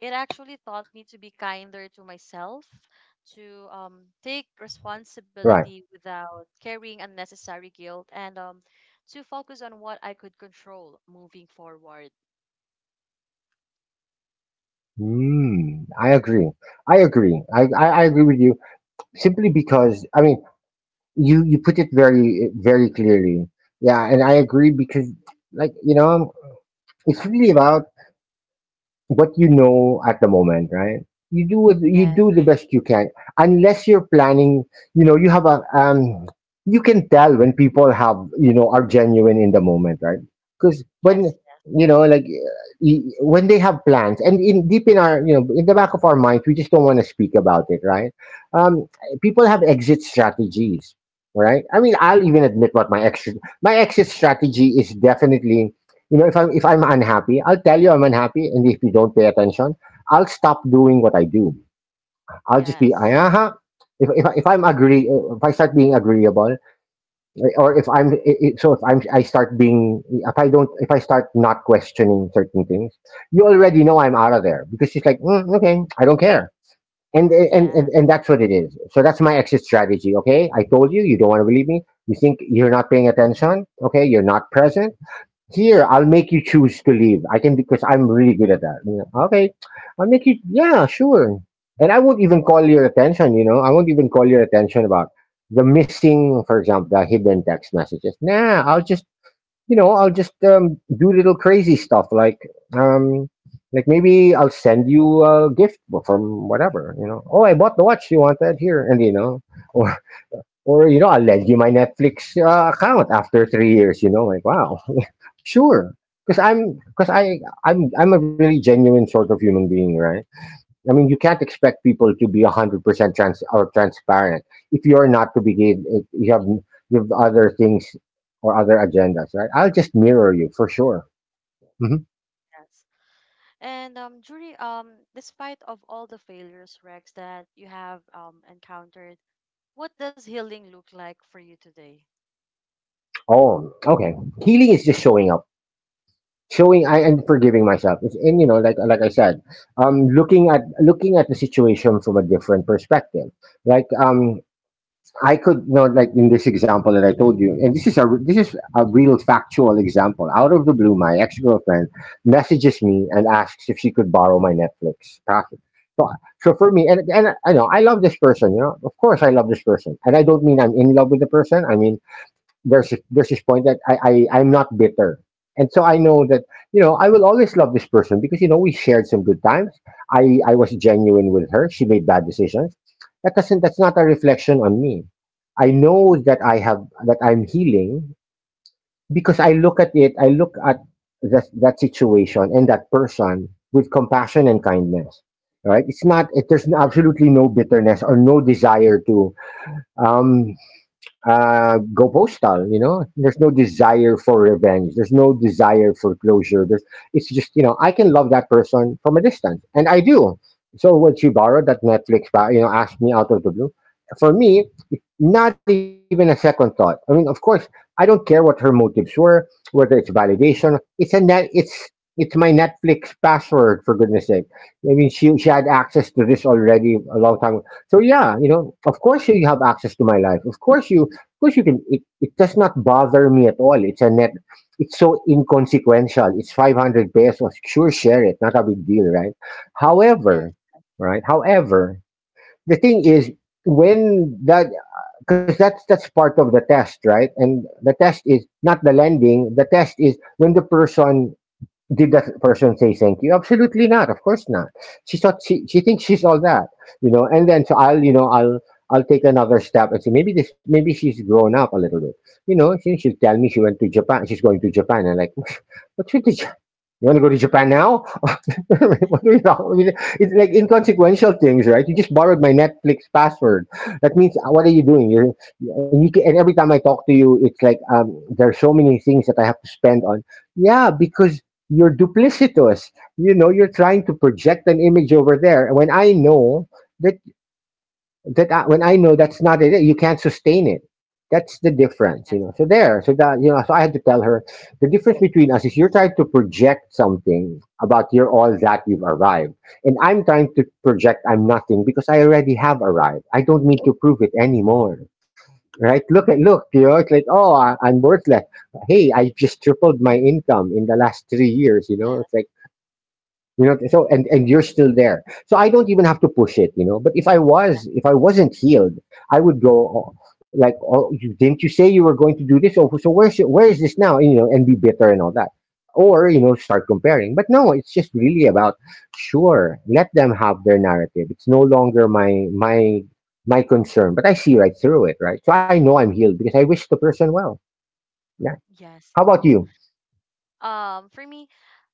S1: it actually taught me to be kinder to myself, to take
S2: Right.
S1: responsibility without carrying unnecessary guilt, and to focus on what I could control moving forward.
S2: Mm, I agree. I agree. I agree with you simply because, I mean, you put it very, very clearly. Yeah. And I agree because, like, you know, it's really about what you know at the moment, right? You do what you
S1: Yes,
S2: do the best you can, unless you're planning. You know, you have a you can tell when people have, you know, are genuine in the moment, right? Because
S1: yes,
S2: when, you know, like, when they have plans, and in deep in our, you know, in the back of our minds, we just don't want to speak about it, right? Um, people have exit strategies, right? I mean, I'll even admit what my exit strategy is definitely, you know, if I'm unhappy, I'll tell you I'm unhappy, and if you don't pay attention, I'll stop doing what I do. I'll just be
S1: yes.
S2: aha. If, I- if I'm agree, if I start being agreeable, or if I'm I- so if I'm I start being if I don't if I start not questioning certain things, you already know I'm out of there because it's like mm, okay, I don't care, and and
S1: Yeah,
S2: and and that's what it is. So that's my exit strategy. Okay, I told you you don't want to believe me. You think you're not paying attention. Okay, you're not present here. I'll make you choose to leave. I can, because I'm really good at that. You know. Okay, I'll make you, yeah, sure, and I won't even call your attention about the missing, for example, the hidden text messages. Nah, I'll just do little crazy stuff um like maybe I'll send you a gift from whatever. You know, oh, I bought the watch you want, that here, and you know, or or, you know, I'll lend you my Netflix account after 3 years. You know, like, wow, sure, because I'm because I I'm a really genuine sort of human being, right? I mean, you can't expect people to be 100% transparent if you're not to begin. If you have other things or other agendas, right? I'll just mirror you for sure. Mhm.
S1: yes. And during despite of all the failures, Rex, that you have encountered, what does healing look like for you today?
S2: Oh, okay. Healing is just showing up showing I and forgiving myself. And you know, like I said, looking at the situation from a different perspective. Like I could, you know, like in this example that I told you, and this is a real factual example. Out of the blue, my ex girlfriend messages me and asks if she could borrow my Netflix password. So, so, for me, and I know I love this person. You know, of course I love this person, and I don't mean I'm in love with the person. I mean there's this point that I'm not bitter, and so I know that, you know, I will always love this person because, you know, we shared some good times. I was genuine with her. She made bad decisions. That's not a reflection on me. I know that I'm healing because I look at it. I look at that situation and that person with compassion and kindness. Right? It's not.
S1: Yeah.
S2: There's absolutely no bitterness or no desire to um, go postal. You know, there's no desire for revenge. There's no desire for closure. It's just, you know, I can love that person from a distance, and I do. So when she borrowed that Netflix, you know, asked me out of the blue. For me, not even a second thought. I mean, of course, I don't care what her motives were, whether it's validation. It's my Netflix password for goodness sake. I mean, she had
S1: Yeah.
S2: access to this already a long time ago. So yeah, you know, of course you have access to my life. Of course you can. It does not bother me at all. It's a net It's so inconsequential, it's 500 pesos, sure, share it, not a big deal, right?
S1: Yes.
S2: However. Right. However, the thing is, when that because that's part of the test, right? And the test is not the lending, the test is when the person did that person say thank you? Absolutely not. Of course not. She thinks she's all that, you know. And then, so I'll you know I'll take another step and say maybe she's grown up a little bit, you know. She'll tell me she went to Japan. She's going to Japan. And like what's with the, you want to go to Japan now? What do you know? I mean, it's like inconsequential things, right? You just borrowed my Netflix password. That means what are you doing? And you can, and every time I talk to you, it's like there are so many things that I have to spend on. Yeah, because you're duplicitous. You know, you're trying to project an image over there when I know that when I know that's not it, you can't sustain it. That's the difference, you
S1: Yes.
S2: know. So I had to tell her the difference between us is you're trying to project something about you're all that, you've arrived, and I'm trying to project I'm nothing because I already have arrived. I don't need to prove it anymore, right? Look, you know, it's like, oh, I'm worthless. Hey, I just tripled my income in the last 3 years. You know,
S1: Yeah.
S2: it's like, you know, so and you're still there, so I don't even have to push it, you know, but if I wasn't healed, I would go, oh, like, oh, didn't you say you were going to do this? Oh, so where is this now? And, you know, and be bitter and all that, or, you know, start comparing. But no, it's just really about, sure, let them have their narrative. It's no longer my concern. But I see right through it, right? So I know I'm healed because I wish the person well. Yeah. How
S1: Yes.
S2: about you?
S1: For me,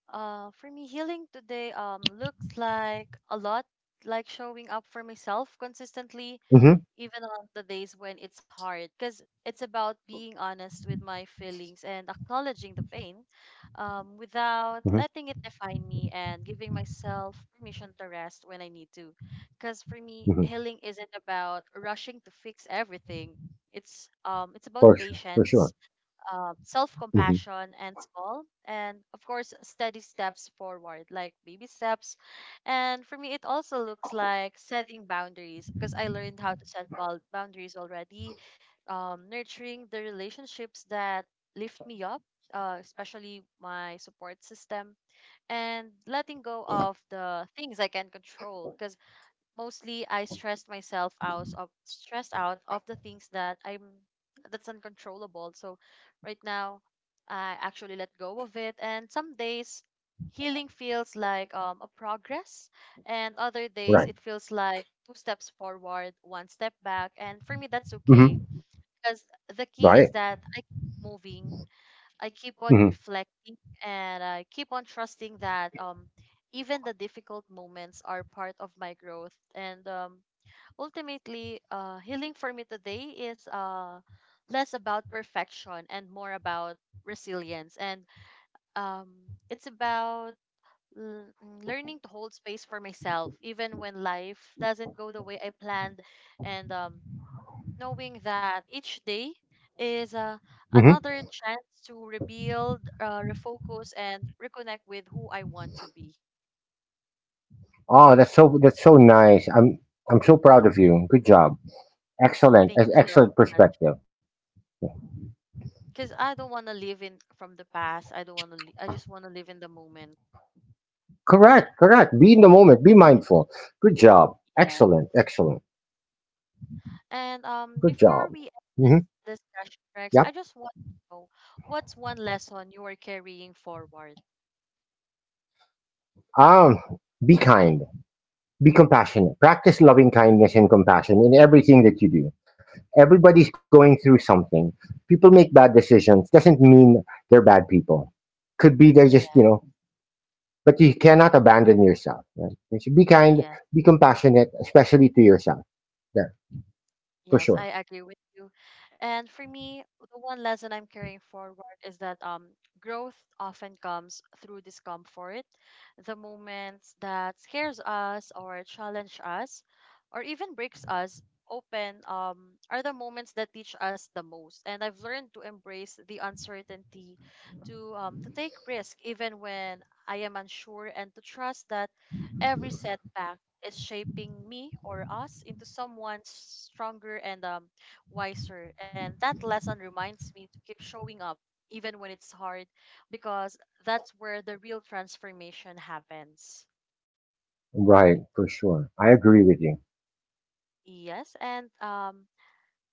S1: healing today looks like a lot like showing up for myself consistently
S2: Mm-hmm.
S1: even on the days when it's hard, because it's about being honest with my feelings and acknowledging the pain, without
S2: Hmm.
S1: letting it define me and giving myself permission to rest when I need to. Because for me
S2: Hmm.
S1: healing isn't about rushing to fix everything, it's about
S2: For sure, for
S1: patience,
S2: sure.
S1: self
S2: Hmm.
S1: compassion and small and of course steady steps forward, like baby steps. And for me it also looks like setting boundaries, because I learned how to set boundaries already, nurturing the relationships that lift me up, especially my support system, and letting go of the things I can control. Because mostly I stressed out of the things that I'm that's uncontrollable. So right now I actually let go of it, and some days healing feels like a progress, and other days
S2: Right.
S1: it feels like two steps forward, one step back, and for me that's okay.
S2: Hmm.
S1: Because the key
S2: Right.
S1: is that I keep moving, I keep on
S2: Hmm.
S1: reflecting, and I keep on trusting that even the difficult moments are part of my growth. And ultimately, healing for me today is less about perfection and more about resilience, and um it's about l- learning to hold space for myself even when life doesn't go the way I planned, and knowing that each day is
S2: Hmm.
S1: another chance to rebuild, refocus, and reconnect with who I want to be.
S2: Oh, that's so nice. I'm so proud of you. Good job. Excellent.
S1: Thank you so
S2: Excellent
S1: much.
S2: perspective.
S1: Because I don't want to live in from the past. I don't want to. I just want to live in the moment.
S2: Correct. Correct. Be in the moment. Be mindful. Good job.
S1: Yeah.
S2: Excellent. Excellent.
S1: And
S2: Good
S1: before we
S2: job.
S1: end
S2: Hmm.
S1: this discussion,
S2: Yep.
S1: Rex, I just want to know, what's one lesson you are carrying forward.
S2: Um. Be kind. Be compassionate. Practice loving kindness and compassion in everything that you do.
S1: Mm,
S2: Everybody's going through something. People make bad decisions. Doesn't mean they're bad people. Could be they just, you
S1: yeah.
S2: know, but you cannot abandon yourself. Right? You should be kind,
S1: Yeah.
S2: be compassionate, especially to yourself. There, for
S1: Yes, I
S2: sure.
S1: agree with you. And for me, the one lesson I'm carrying forward is that growth often comes through discomfort. The moments that scares us or challenge us, or even breaks us open are the moments that teach us the most. And I've learned to embrace the uncertainty, to take risk even when I am unsure, and to trust that every setback is shaping me or us into someone stronger and wiser. And that lesson reminds me to keep showing up even when it's hard, because that's where the real transformation happens.
S2: Right, for sure. I agree with you.
S1: Yes, and um,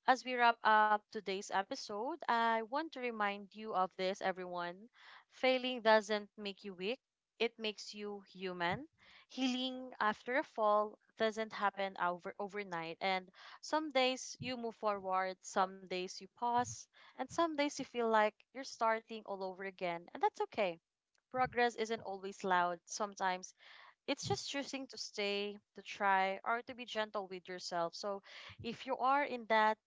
S1: As we wrap up today's episode, I want to remind you of this, everyone. Failing doesn't make you weak, it makes you human. Healing after a fall doesn't happen overnight, and some days you move forward, some days you pause, and some days you feel like you're starting all over again, and that's okay. Progress isn't always loud. Sometimes it's just choosing to stay, to try, or to be gentle with yourself. So if you are in that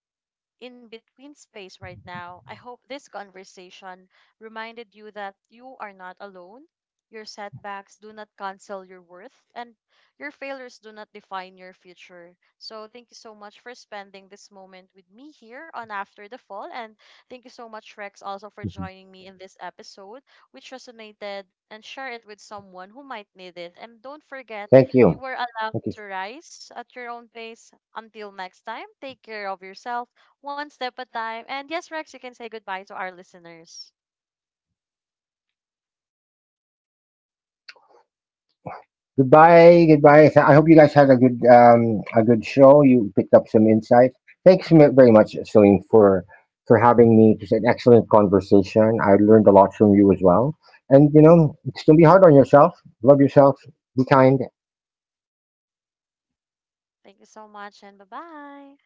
S1: in between space right now, I hope this conversation reminded you that you are not alone. Your setbacks do not cancel your worth, and your failures do not define your future. So, thank you so much for spending this moment with me here on After the Fall. And thank you so
S2: Mhm.
S1: much, Rex, also for joining me in this episode, which resonated, and share it with someone who might need it.
S2: Thank
S1: And
S2: you.
S1: don't forget,
S2: Thank you.
S1: you are allowed to rise at your own pace. Until next time, take care of yourself one step at a time. And yes, Rex, you can say goodbye to our listeners.
S2: Goodbye, goodbye. I hope you guys had a good show. You picked up some insight. Thanks very much, Celine, for having me. It was an excellent conversation. I learned a lot from you as well. And you know, it's gonna be hard on yourself. Love yourself. Be kind.
S1: Thank you so much and bye bye.